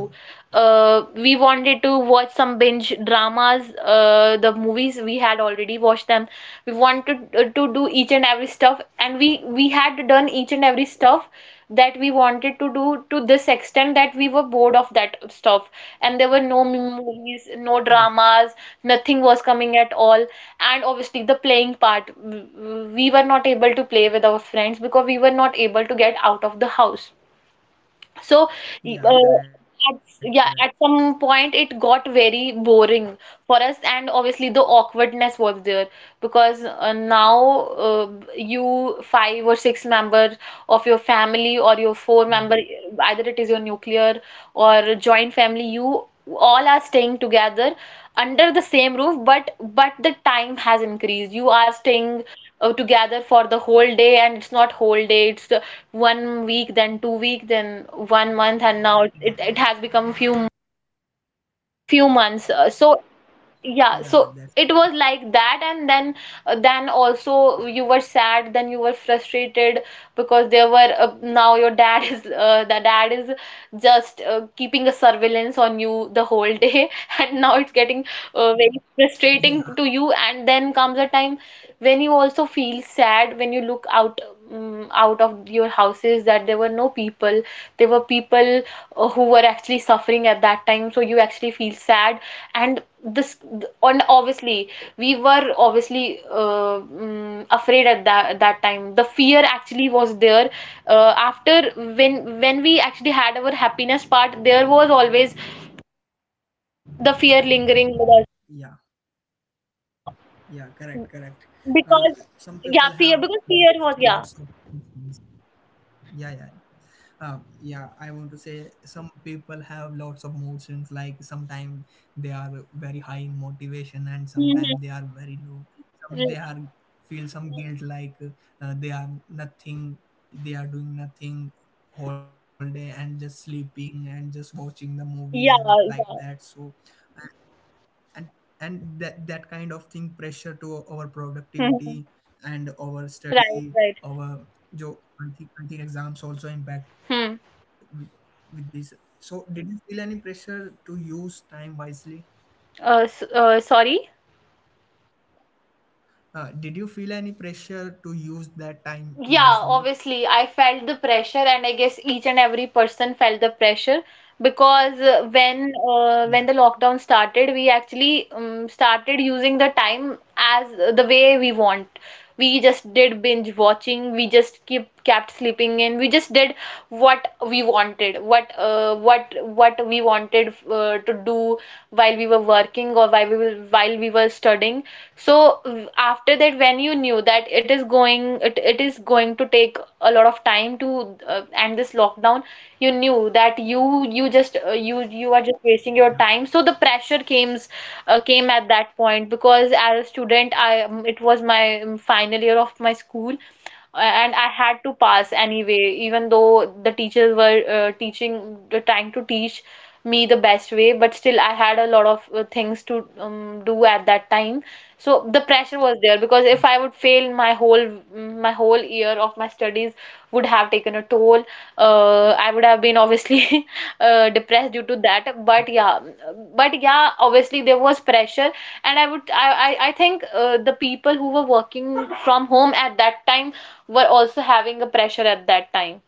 B: Uh, we wanted to watch some binge dramas, uh, the movies we had already watched them. We wanted uh, to do each and every stuff, and we we had done each and every stuff that we wanted to do, to this extent that we were bored of that stuff. And there were no m- movies,
A: Yeah,
B: no dramas, nothing was coming at all. And obviously the playing part, w- w- we were not able to play with our friends because we were not able to get out of the house, so,
A: yeah,
B: uh,
A: correct, correct.
B: at, yeah, at some point it got very boring for us, and obviously the awkwardness was there, because uh, now uh, you five or six members of your family, or your four
A: Mm,
B: member, either it is your nuclear or joint family, you all are staying together under the same roof, but but the time has increased. You are staying uh, together for the whole day, and it's not whole day. It's uh, one week, then two week, then one
A: yeah.
B: month, and now it, it has become few a few months. Uh, So
A: Yeah, that's.
B: yeah, so it was like that, and then uh, then also you were sad, then you were frustrated because there were uh, now your dad is uh, the dad is just uh, keeping a surveillance on you the whole day, and now it's getting uh, very frustrating to you, and then comes a time when you also feel sad, when you look out um, out of your houses, that there were no people, there were people uh, who were actually suffering at that time, so you actually feel sad. And this, and obviously we were obviously uh, mm, afraid at that that time. The fear actually was there uh, after, when when we actually had our happiness part, there was always the fear lingering with us,
A: Yeah,
B: because,
A: yeah, correct, correct. Uh,
B: because
A: some
B: yeah
A: people
B: fear
A: have
B: because fear was, yeah.
A: lots of mood swings. Yeah, yeah, yeah. Uh, yeah, I want to say some people have lots of mood swings. Like sometimes they are very high in motivation, and
B: Mhm.
A: sometimes they are very low. Some they are feel some guilt, like uh, they are nothing. They are doing nothing whole day and just sleeping and just watching the movies
B: Yeah
A: and like
B: yeah.
A: that. So and and that that kind of thing pressure to our
B: Mhm.
A: productivity and our
B: Right,
A: study.
B: right.
A: Our jo I think, I think exams also impact
B: Hmm.
A: with, with this. So did you feel any pressure to use time wisely?
B: Uh, s- uh, sorry?
A: Uh, did you feel any pressure to use that time
B: Yeah,
A: wisely?
B: obviously, I felt the pressure, and I guess each and every person felt the pressure, because uh, when
A: Yeah,
B: uh, when the lockdown started, we actually um, started using the time as the way we want. We just did binge watching. We just keep kept sleeping in. We just did what we wanted, what uh, what what we wanted uh, to do while we were working, or while we were, while we were studying. So after that, when you knew that it is going it, it is going to take a lot of time to uh, end this lockdown, you knew that you you just uh, you you are just wasting
A: yeah,
B: your time, so the pressure came uh, came at that point, because as a student I um, it was my um, final year of my school, uh, and I had to pass anyway, even though the teachers were uh, teaching, uh, trying to teach me the best way, but still I had a lot of uh, things to um, do at that time. So the pressure was there, because if I would fail, my whole my whole year of my studies would have taken a toll. Uh, I would have been obviously uh, depressed due to that. But yeah, but yeah, obviously there was pressure, and I would I I, I think uh, the people who were working from home at that time were also having a pressure at that time.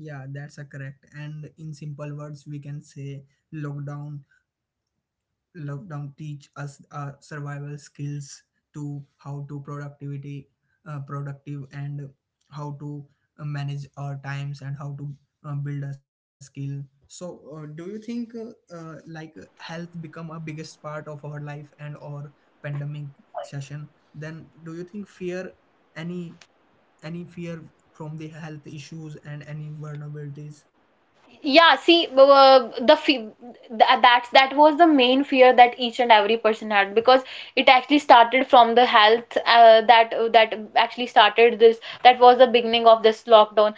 A: yeah, that's a correct. And in simple words, we can say lockdown lockdown teach us uh, survival skills to how to productivity, uh, productive, and how to uh, manage our times, and how to uh, build a skill. So uh, do you think uh, uh, like health become a biggest part of our life and or pandemic session, then do you think fear, any any fear from the health issues and any vulnerabilities?
B: Yeah see uh, the fe- that that's- that was the main fear that each and every person had because it actually started from the health uh, that uh, that actually started this. That was the beginning of this lockdown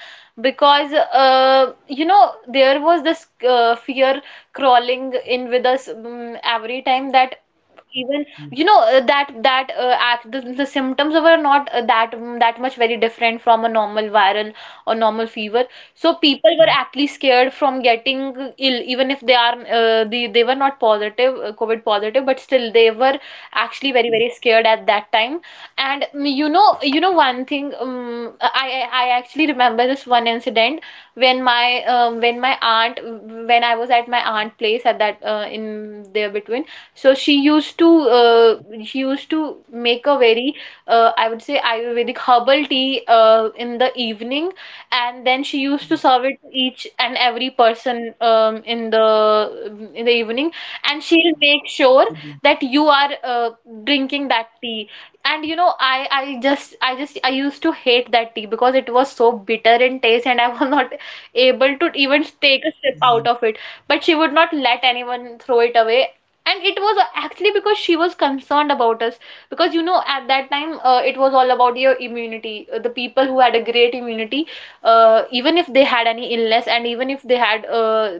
B: because uh, you know, there was this uh, fear crawling in with us um, every time that
A: Yeah.
B: even you know uh, that that uh, act, the, the symptoms of it are not uh, that mm, that much very different from a normal viral or normal fever. So
A: Mm.
B: people were actually scared from getting ill even if they are uh, they, they were not positive, uh, covid positive, but still they were actually very very scared at that time. And mm, you know you know one thing, um, i i I actually remember this one incident when my um, when my aunt when i was at my aunt place at that uh, in there between. So she used to uh, she used to make a very uh, I would say, Ayurvedic herbal tea uh, in the evening, and then she used
A: Yeah,
B: to serve it to each and every person um, in the in the evening,
A: to
B: and
A: drink.
B: she'll make sure that you are uh, drinking that tea. And you know, I I just I just I used to hate that tea because it was so bitter in taste, and I was not able to even take a sip out of it. But she would not let anyone throw it away, and it was actually because she was concerned about us, because you know, at that time, uh, it was all about your immunity. Uh, the people who had a great immunity, uh, even if they had any illness and even if they had uh,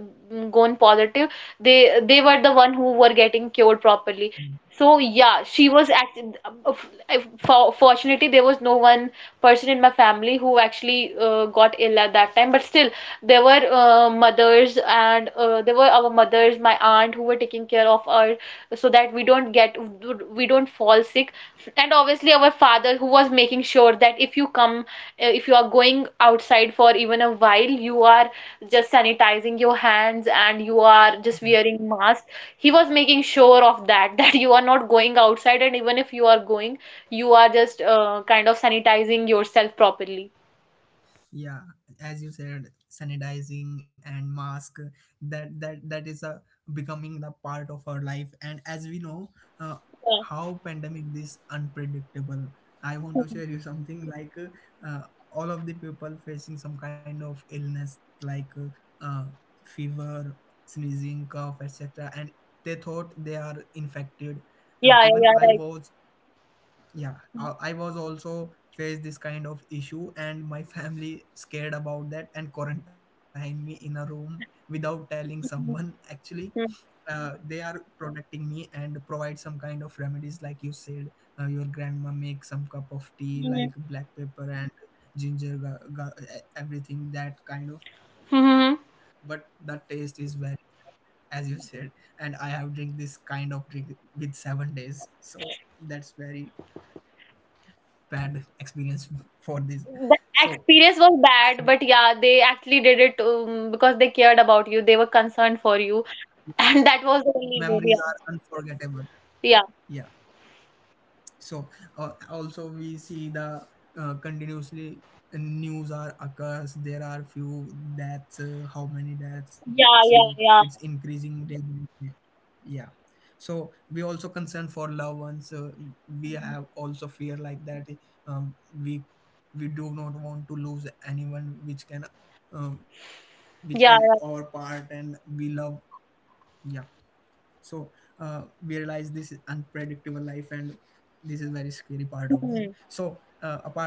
B: gone positive, they they were the one who were getting cured properly.
A: Mm.
B: So yeah, she was actually— for fortunately, there was no one person in my family who actually uh, got ill at that time. But still, there were uh, mothers, and uh, there were our mothers, my aunt, who were taking care of us, so that we don't get, we don't fall sick. And obviously our father, who was making sure that if you come uh, if you are going outside for even a while, you are just sanitizing your hands and you are just wearing mask. He was making sure of that that you are not going outside, and even if you are going, you are just uh, kind of sanitizing yourself properly.
A: Yeah, as you said, sanitizing and mask, that that that is a becoming the part of our life. And as we know, uh, how pandemic is unpredictable. I want to share you something like, uh, all of the people facing some kind of illness like uh, uh, fever, sneezing, cough, etc, and they thought they are infected. Uh,
B: Yeah,
A: even
B: yeah,
A: I
B: yeah.
A: was, yeah, I, I was also faced this kind of issue, and my family scared about that and quarantined me in a room without telling
B: Yeah,
A: someone actually.
B: right.
A: Uh, they are protecting me and provide some kind of remedies like you said, uh, your grandma makes some cup of tea like
B: Mhm.
A: black pepper and ginger ga- ga- e- everything that kind of, but the
B: Mhm.
A: taste is very, as you said, and I have drink this kind of drink with seven days. So that's very bad experience for this.
B: The
A: So
B: experience was bad, but yeah, they actually did it um, because they cared about you. They were concerned for you, and that was the only way.
A: memories are unforgettable.
B: Yeah,
A: Yeah. So uh, also we see the uh, continuously news are occurs, there are few deaths, uh, how many deaths, uh,
B: yeah,
A: it's
B: yeah, yeah,
A: increasing day by day. Yeah. So we also concern for loved ones, uh, we have also fear like that. um, we we do not want to lose anyone which can uh, which can our
B: yeah,
A: part
B: yeah.
A: and we love. Yeah. So uh, we realize this is unpredictable life, and this is very scary part of this.
B: Yeah.
A: So
B: Mhm.
A: uh, a part of this,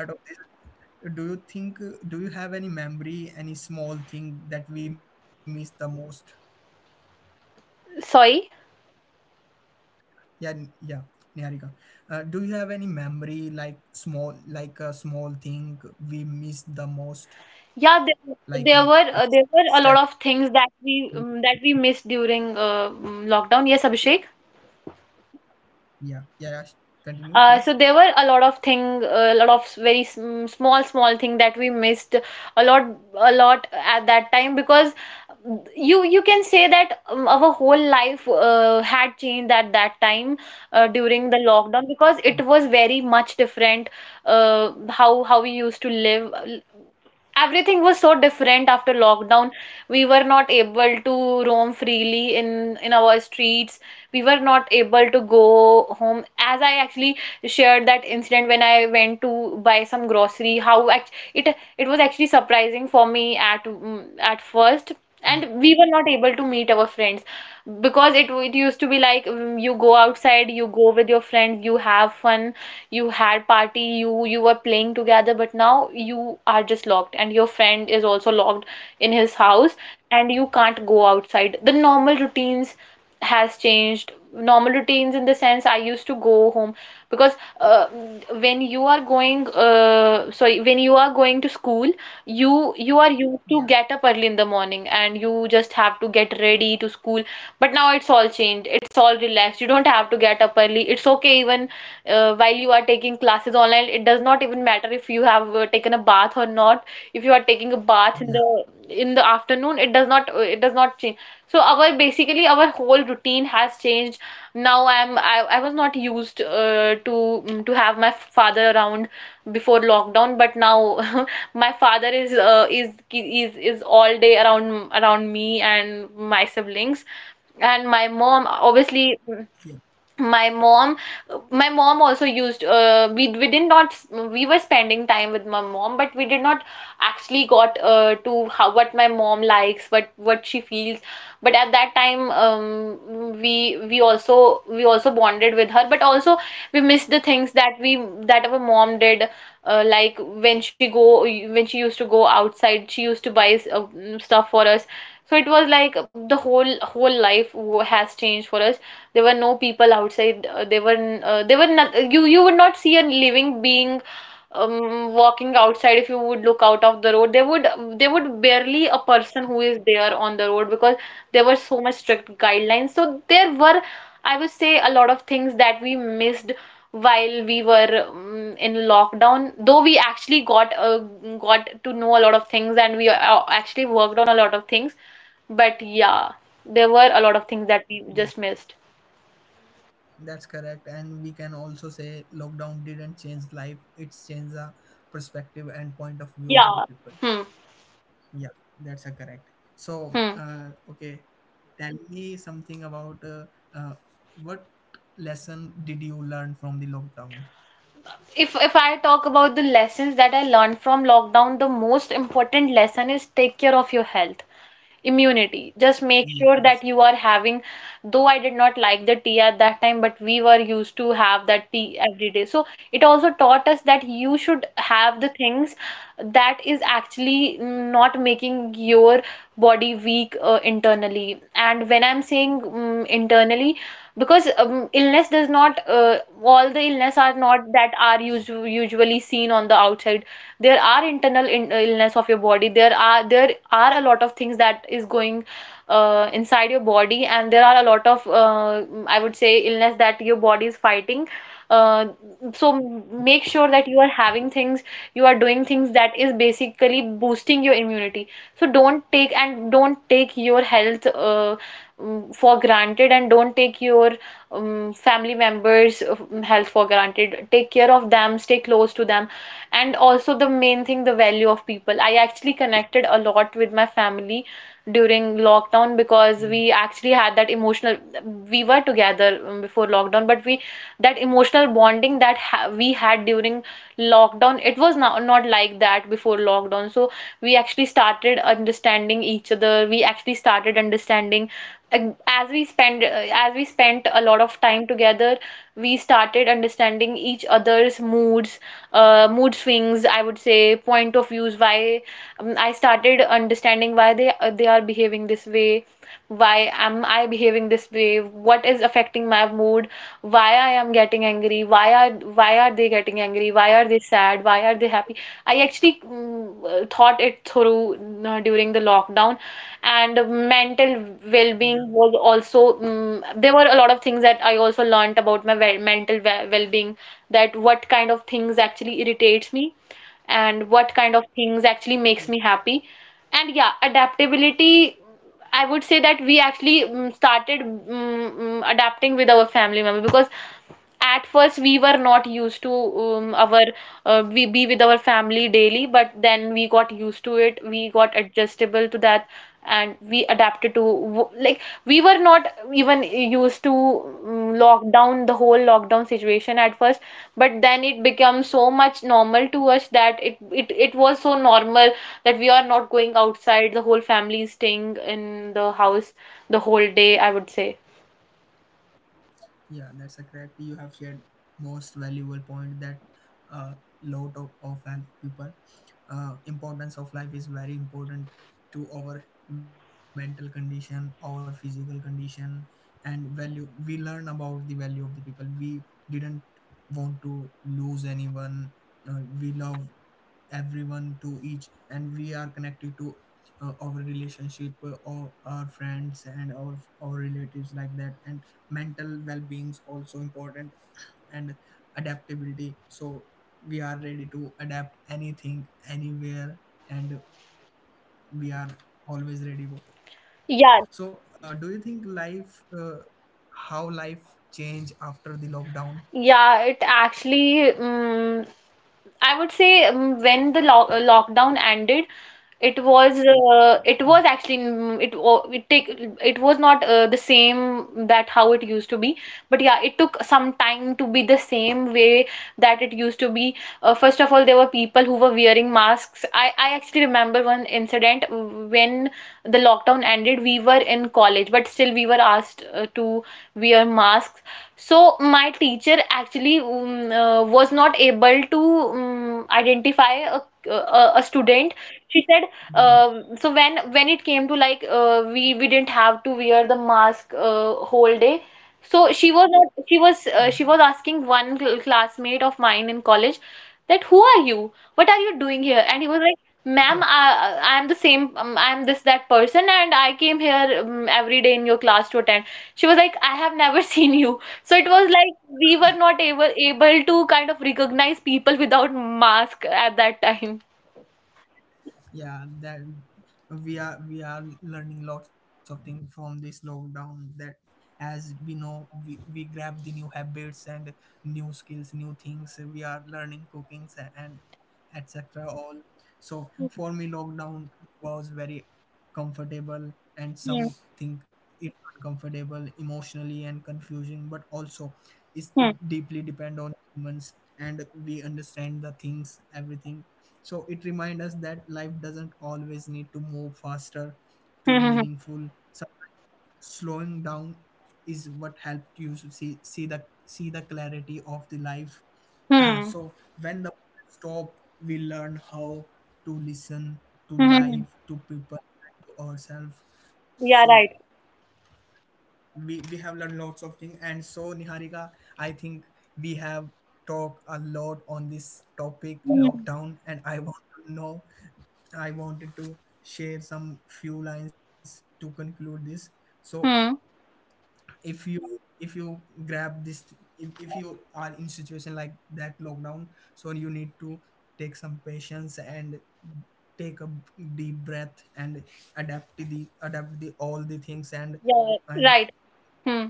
A: do you think uh, do you have any memory, any small thing that we miss the most?
B: Sorry.
A: Yeah n- yeah, niharika, uh, do you have any memory, like small, like a small thing we miss the most,
B: Yeah,
A: like
B: there,
A: a,
B: there were
A: a
B: uh, there were a
A: step?
B: lot of things that we um, that we missed during uh, um, lockdown. Yes, Abhishek.
A: Yeah, yeah, yeah, continue please.
B: Uh, so there were a lot of thing, a lot of very sm- small, small thing that we missed a lot, a lot at that time, because you you can say that um, our whole life uh, had changed at that time uh, during the lockdown,
A: Yeah,
B: because it was very much different uh, how how we used to live. Everything was so different after lockdown. We were not able to roam freely in in our streets. We were not able to go home. As I actually shared that incident when I went to buy some grocery, how act- it it was actually surprising for me at mm, at first. And we were not able to meet our friends, because it, it used to be like, mm, you go outside, you go with your friends, you have fun, you had party, you you were playing together. But now you are just locked, and your friend is also locked in his house, and you can't go outside. The normal routines has changed. Normal routines in the sense, I used to go home because uh, when you are going uh, sorry when you are going to school, you you are used
A: yeah,
B: to get up early in the morning, and you just have to get ready to school. But now it's all changed, it's all relaxed. You don't have to get up early. It's okay, even uh, while you are taking classes online, it does not even matter if you have uh, taken a bath or not. If you are taking a bath in
A: yeah,
B: the in the afternoon, it does not uh, it does not change. So our— basically, our whole routine has changed. Now i'm i, I was not used uh, to mm, to have my father around before lockdown. But now my father is uh, is is is all day around around me and my siblings, and my mom obviously.
A: yeah,
B: My mom, my mom also used uh, we we did not— we were spending time with my mom, but we did not actually got uh, to how, what my mom likes, what what she feels. But at that time, um, we we also— we also bonded with her, but also we missed the things that we— that our mom did, uh, like when she go when she used to go outside, she used to buy uh, stuff for us. So it was like the whole whole life wo- has changed for us. There were no people outside. Uh, there were n- uh, there were not— you you would not see a living being um, walking outside. If you would look out of the road, there would there would barely a person who is there on the road, because there were so much strict guidelines. So there were, I would say, a lot of things that we missed while we were um, in lockdown, though we actually got uh, got to know a lot of things, and we uh, actually worked on a lot of things. But yeah, there were a lot of things that we
A: yeah.
B: just missed.
A: That's correct. And we can also say lockdown didn't change life, it's changed the perspective and point of view of the
B: Yeah.
A: people.
B: Hmm.
A: Yeah, that's a correct. So,
B: Hmm.
A: uh, okay, tell me something about uh, uh, what lesson did you learn from the lockdown?
B: If if I talk about the lessons that I learned from lockdown, the most important lesson is take care of your health, immunity. Just
A: Yeah,
B: make
A: that's.
B: sure that you are having— though I did not like the tea at that time, but we were used to have that tea every day. So it also taught us that you should have the things that is actually not making your body weak uh, internally. And when I'm saying mm internally, because um, illness does not uh, all the illness are not that are usu usually seen on the outside. There are internal in- uh, illness of your body. There are— there are a lot of things that is going uh, inside your body, and there are a lot of uh, I would say illness that your body is fighting. Uh, so make sure that you are having things, you are doing things that is basically boosting your immunity. So don't take— and don't take your health uh, um, for granted, and don't take your um, family members' um, health for granted. Take care of them, stay close to them. And also the main thing, the value of people. I actually connected a lot with my family during lockdown
A: Yeah,
B: because we actually had that emotional— we were together um, before lockdown, but we— that emotional bonding that ha we had during lockdown, it was not— not like that before lockdown. So we actually started understanding each other. We actually started understanding, ag- as we spend uh, as we spent a lot of time together, we started understanding each other's moods, uh, mood swings, I would say, point of views. Why um, I started understanding why they uh, they are behaving this way, why am I behaving this way, what is affecting my mood, why I am getting angry, why are why are they getting angry, why are they sad, why are they happy. I actually mm, uh, thought it through uh, during the lockdown. And mental
A: yeah,
B: well-being was also— mm there were a lot of things that I also learnt about my well mental well- well-being, that what kind of things actually irritates me, and what kind of things
A: yeah.
B: actually makes me happy. And yeah, adaptability, I would say that we actually mm started mm mm, adapting with our family member, because at first we were not used to um, our uh, we be with our family daily. But then we got used to it, we got adjustable to that, and we adapted to w- like, we were not even used to um, lockdown, the whole lockdown situation at first. But then it became so much normal to us that it it it was so normal that we are not going outside, the whole family is staying in the house the whole day, I would say.
A: Yeah, that's a correct. You have shared most valuable point that uh, lot of often people, uh, importance of life is very important to our mental condition, our physical condition, and value. We learn about the value of the people. We didn't want to lose anyone. Uh, we love everyone to each, and we are connected to uh, our relationship uh, or our friends and our, our relatives like that, and mental well-being is also important, and adaptability. So we are ready to adapt anything anywhere, and we are always ready to. So uh,
B: Yeah.
A: do you think life uh, how life change after the lockdown?
B: Yeah, it actually, um, I would say, um, when the lock lockdown ended, it was uh, it
A: Yeah,
B: was actually, mm, it wa- it take it was not uh, the same that how it used to be. But yeah, it took some time to be the same way that it used to be. Uh, first of all, there were people who were wearing masks. I I actually remember one incident when the lockdown ended. We were in college, but still we were asked uh, to wear masks. So my teacher actually um, uh, was not able to um, identify a, a, a student. She said,
A: yeah,
B: um so when— when it came to like, uh, we we didn't have to wear the mask uh, whole day. So she was not— she was uh, she was asking one cl- classmate of mine in college, that who are you, what are you doing here. And he was like,
A: yeah.
B: ma'am, I I am the same, um, I am this— that person, and I came here um, every day in your class to attend. She was like, I have never seen you. So it was like we were not able able to kind of recognize people without mask at that time.
A: Yeah, that we are, we are learning lots of things from this lockdown, that as we know, we, we grab the new habits and new skills, new things we are learning, cookings and etc, all. So for me, lockdown was very comfortable, and some
B: Hmm.
A: think it's uncomfortable emotionally and confusing, but also is
B: Hmm.
A: it deeply depend on humans, and we understand the things, everything. So it reminds us that life doesn't always need to move faster to
B: Hmm. Hmm.
A: meaningful. So slowing down is what helped you to see see the see the clarity of the life.
B: Hmm.
A: So when the stop, we learn how to listen, to
B: Hmm. Hmm.
A: life, to people, and to ourselves. So
B: Yeah, right.
A: we, we have learned lots of things. And so niharika, I think we have talked a lot on this topic
B: Hmm.
A: lockdown, and I want to know, I wanted to share some few lines to conclude this. So
B: Hmm.
A: if you, if you grab this, if, if you are in situation like that lockdown, so you need to take some patience and take a deep breath and adapt to the adapt the all the things, and
B: Yeah,
A: and
B: right. Hmm.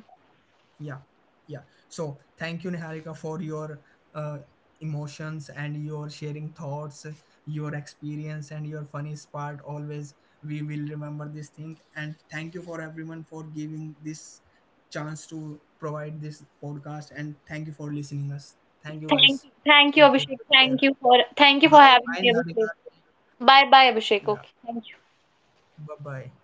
A: yeah, yeah. So thank you niharika for your uh, emotions and your sharing thoughts, your experience and your funniest part. Always we will remember this thing, and thank you for everyone for giving this chance to provide this podcast, and thank you for listening us. Thank you
B: Thank you.
A: guys.
B: Thank you,
A: Okay,
B: Abhishek.
A: take
B: Thank you
A: care.
B: for— thank you for
A: Bye
B: having me,
A: bye
B: Abhishek.
A: niharika.
B: Bye bye, Abhishek. Okay.
A: Yeah,
B: Thank you.
A: bye bye.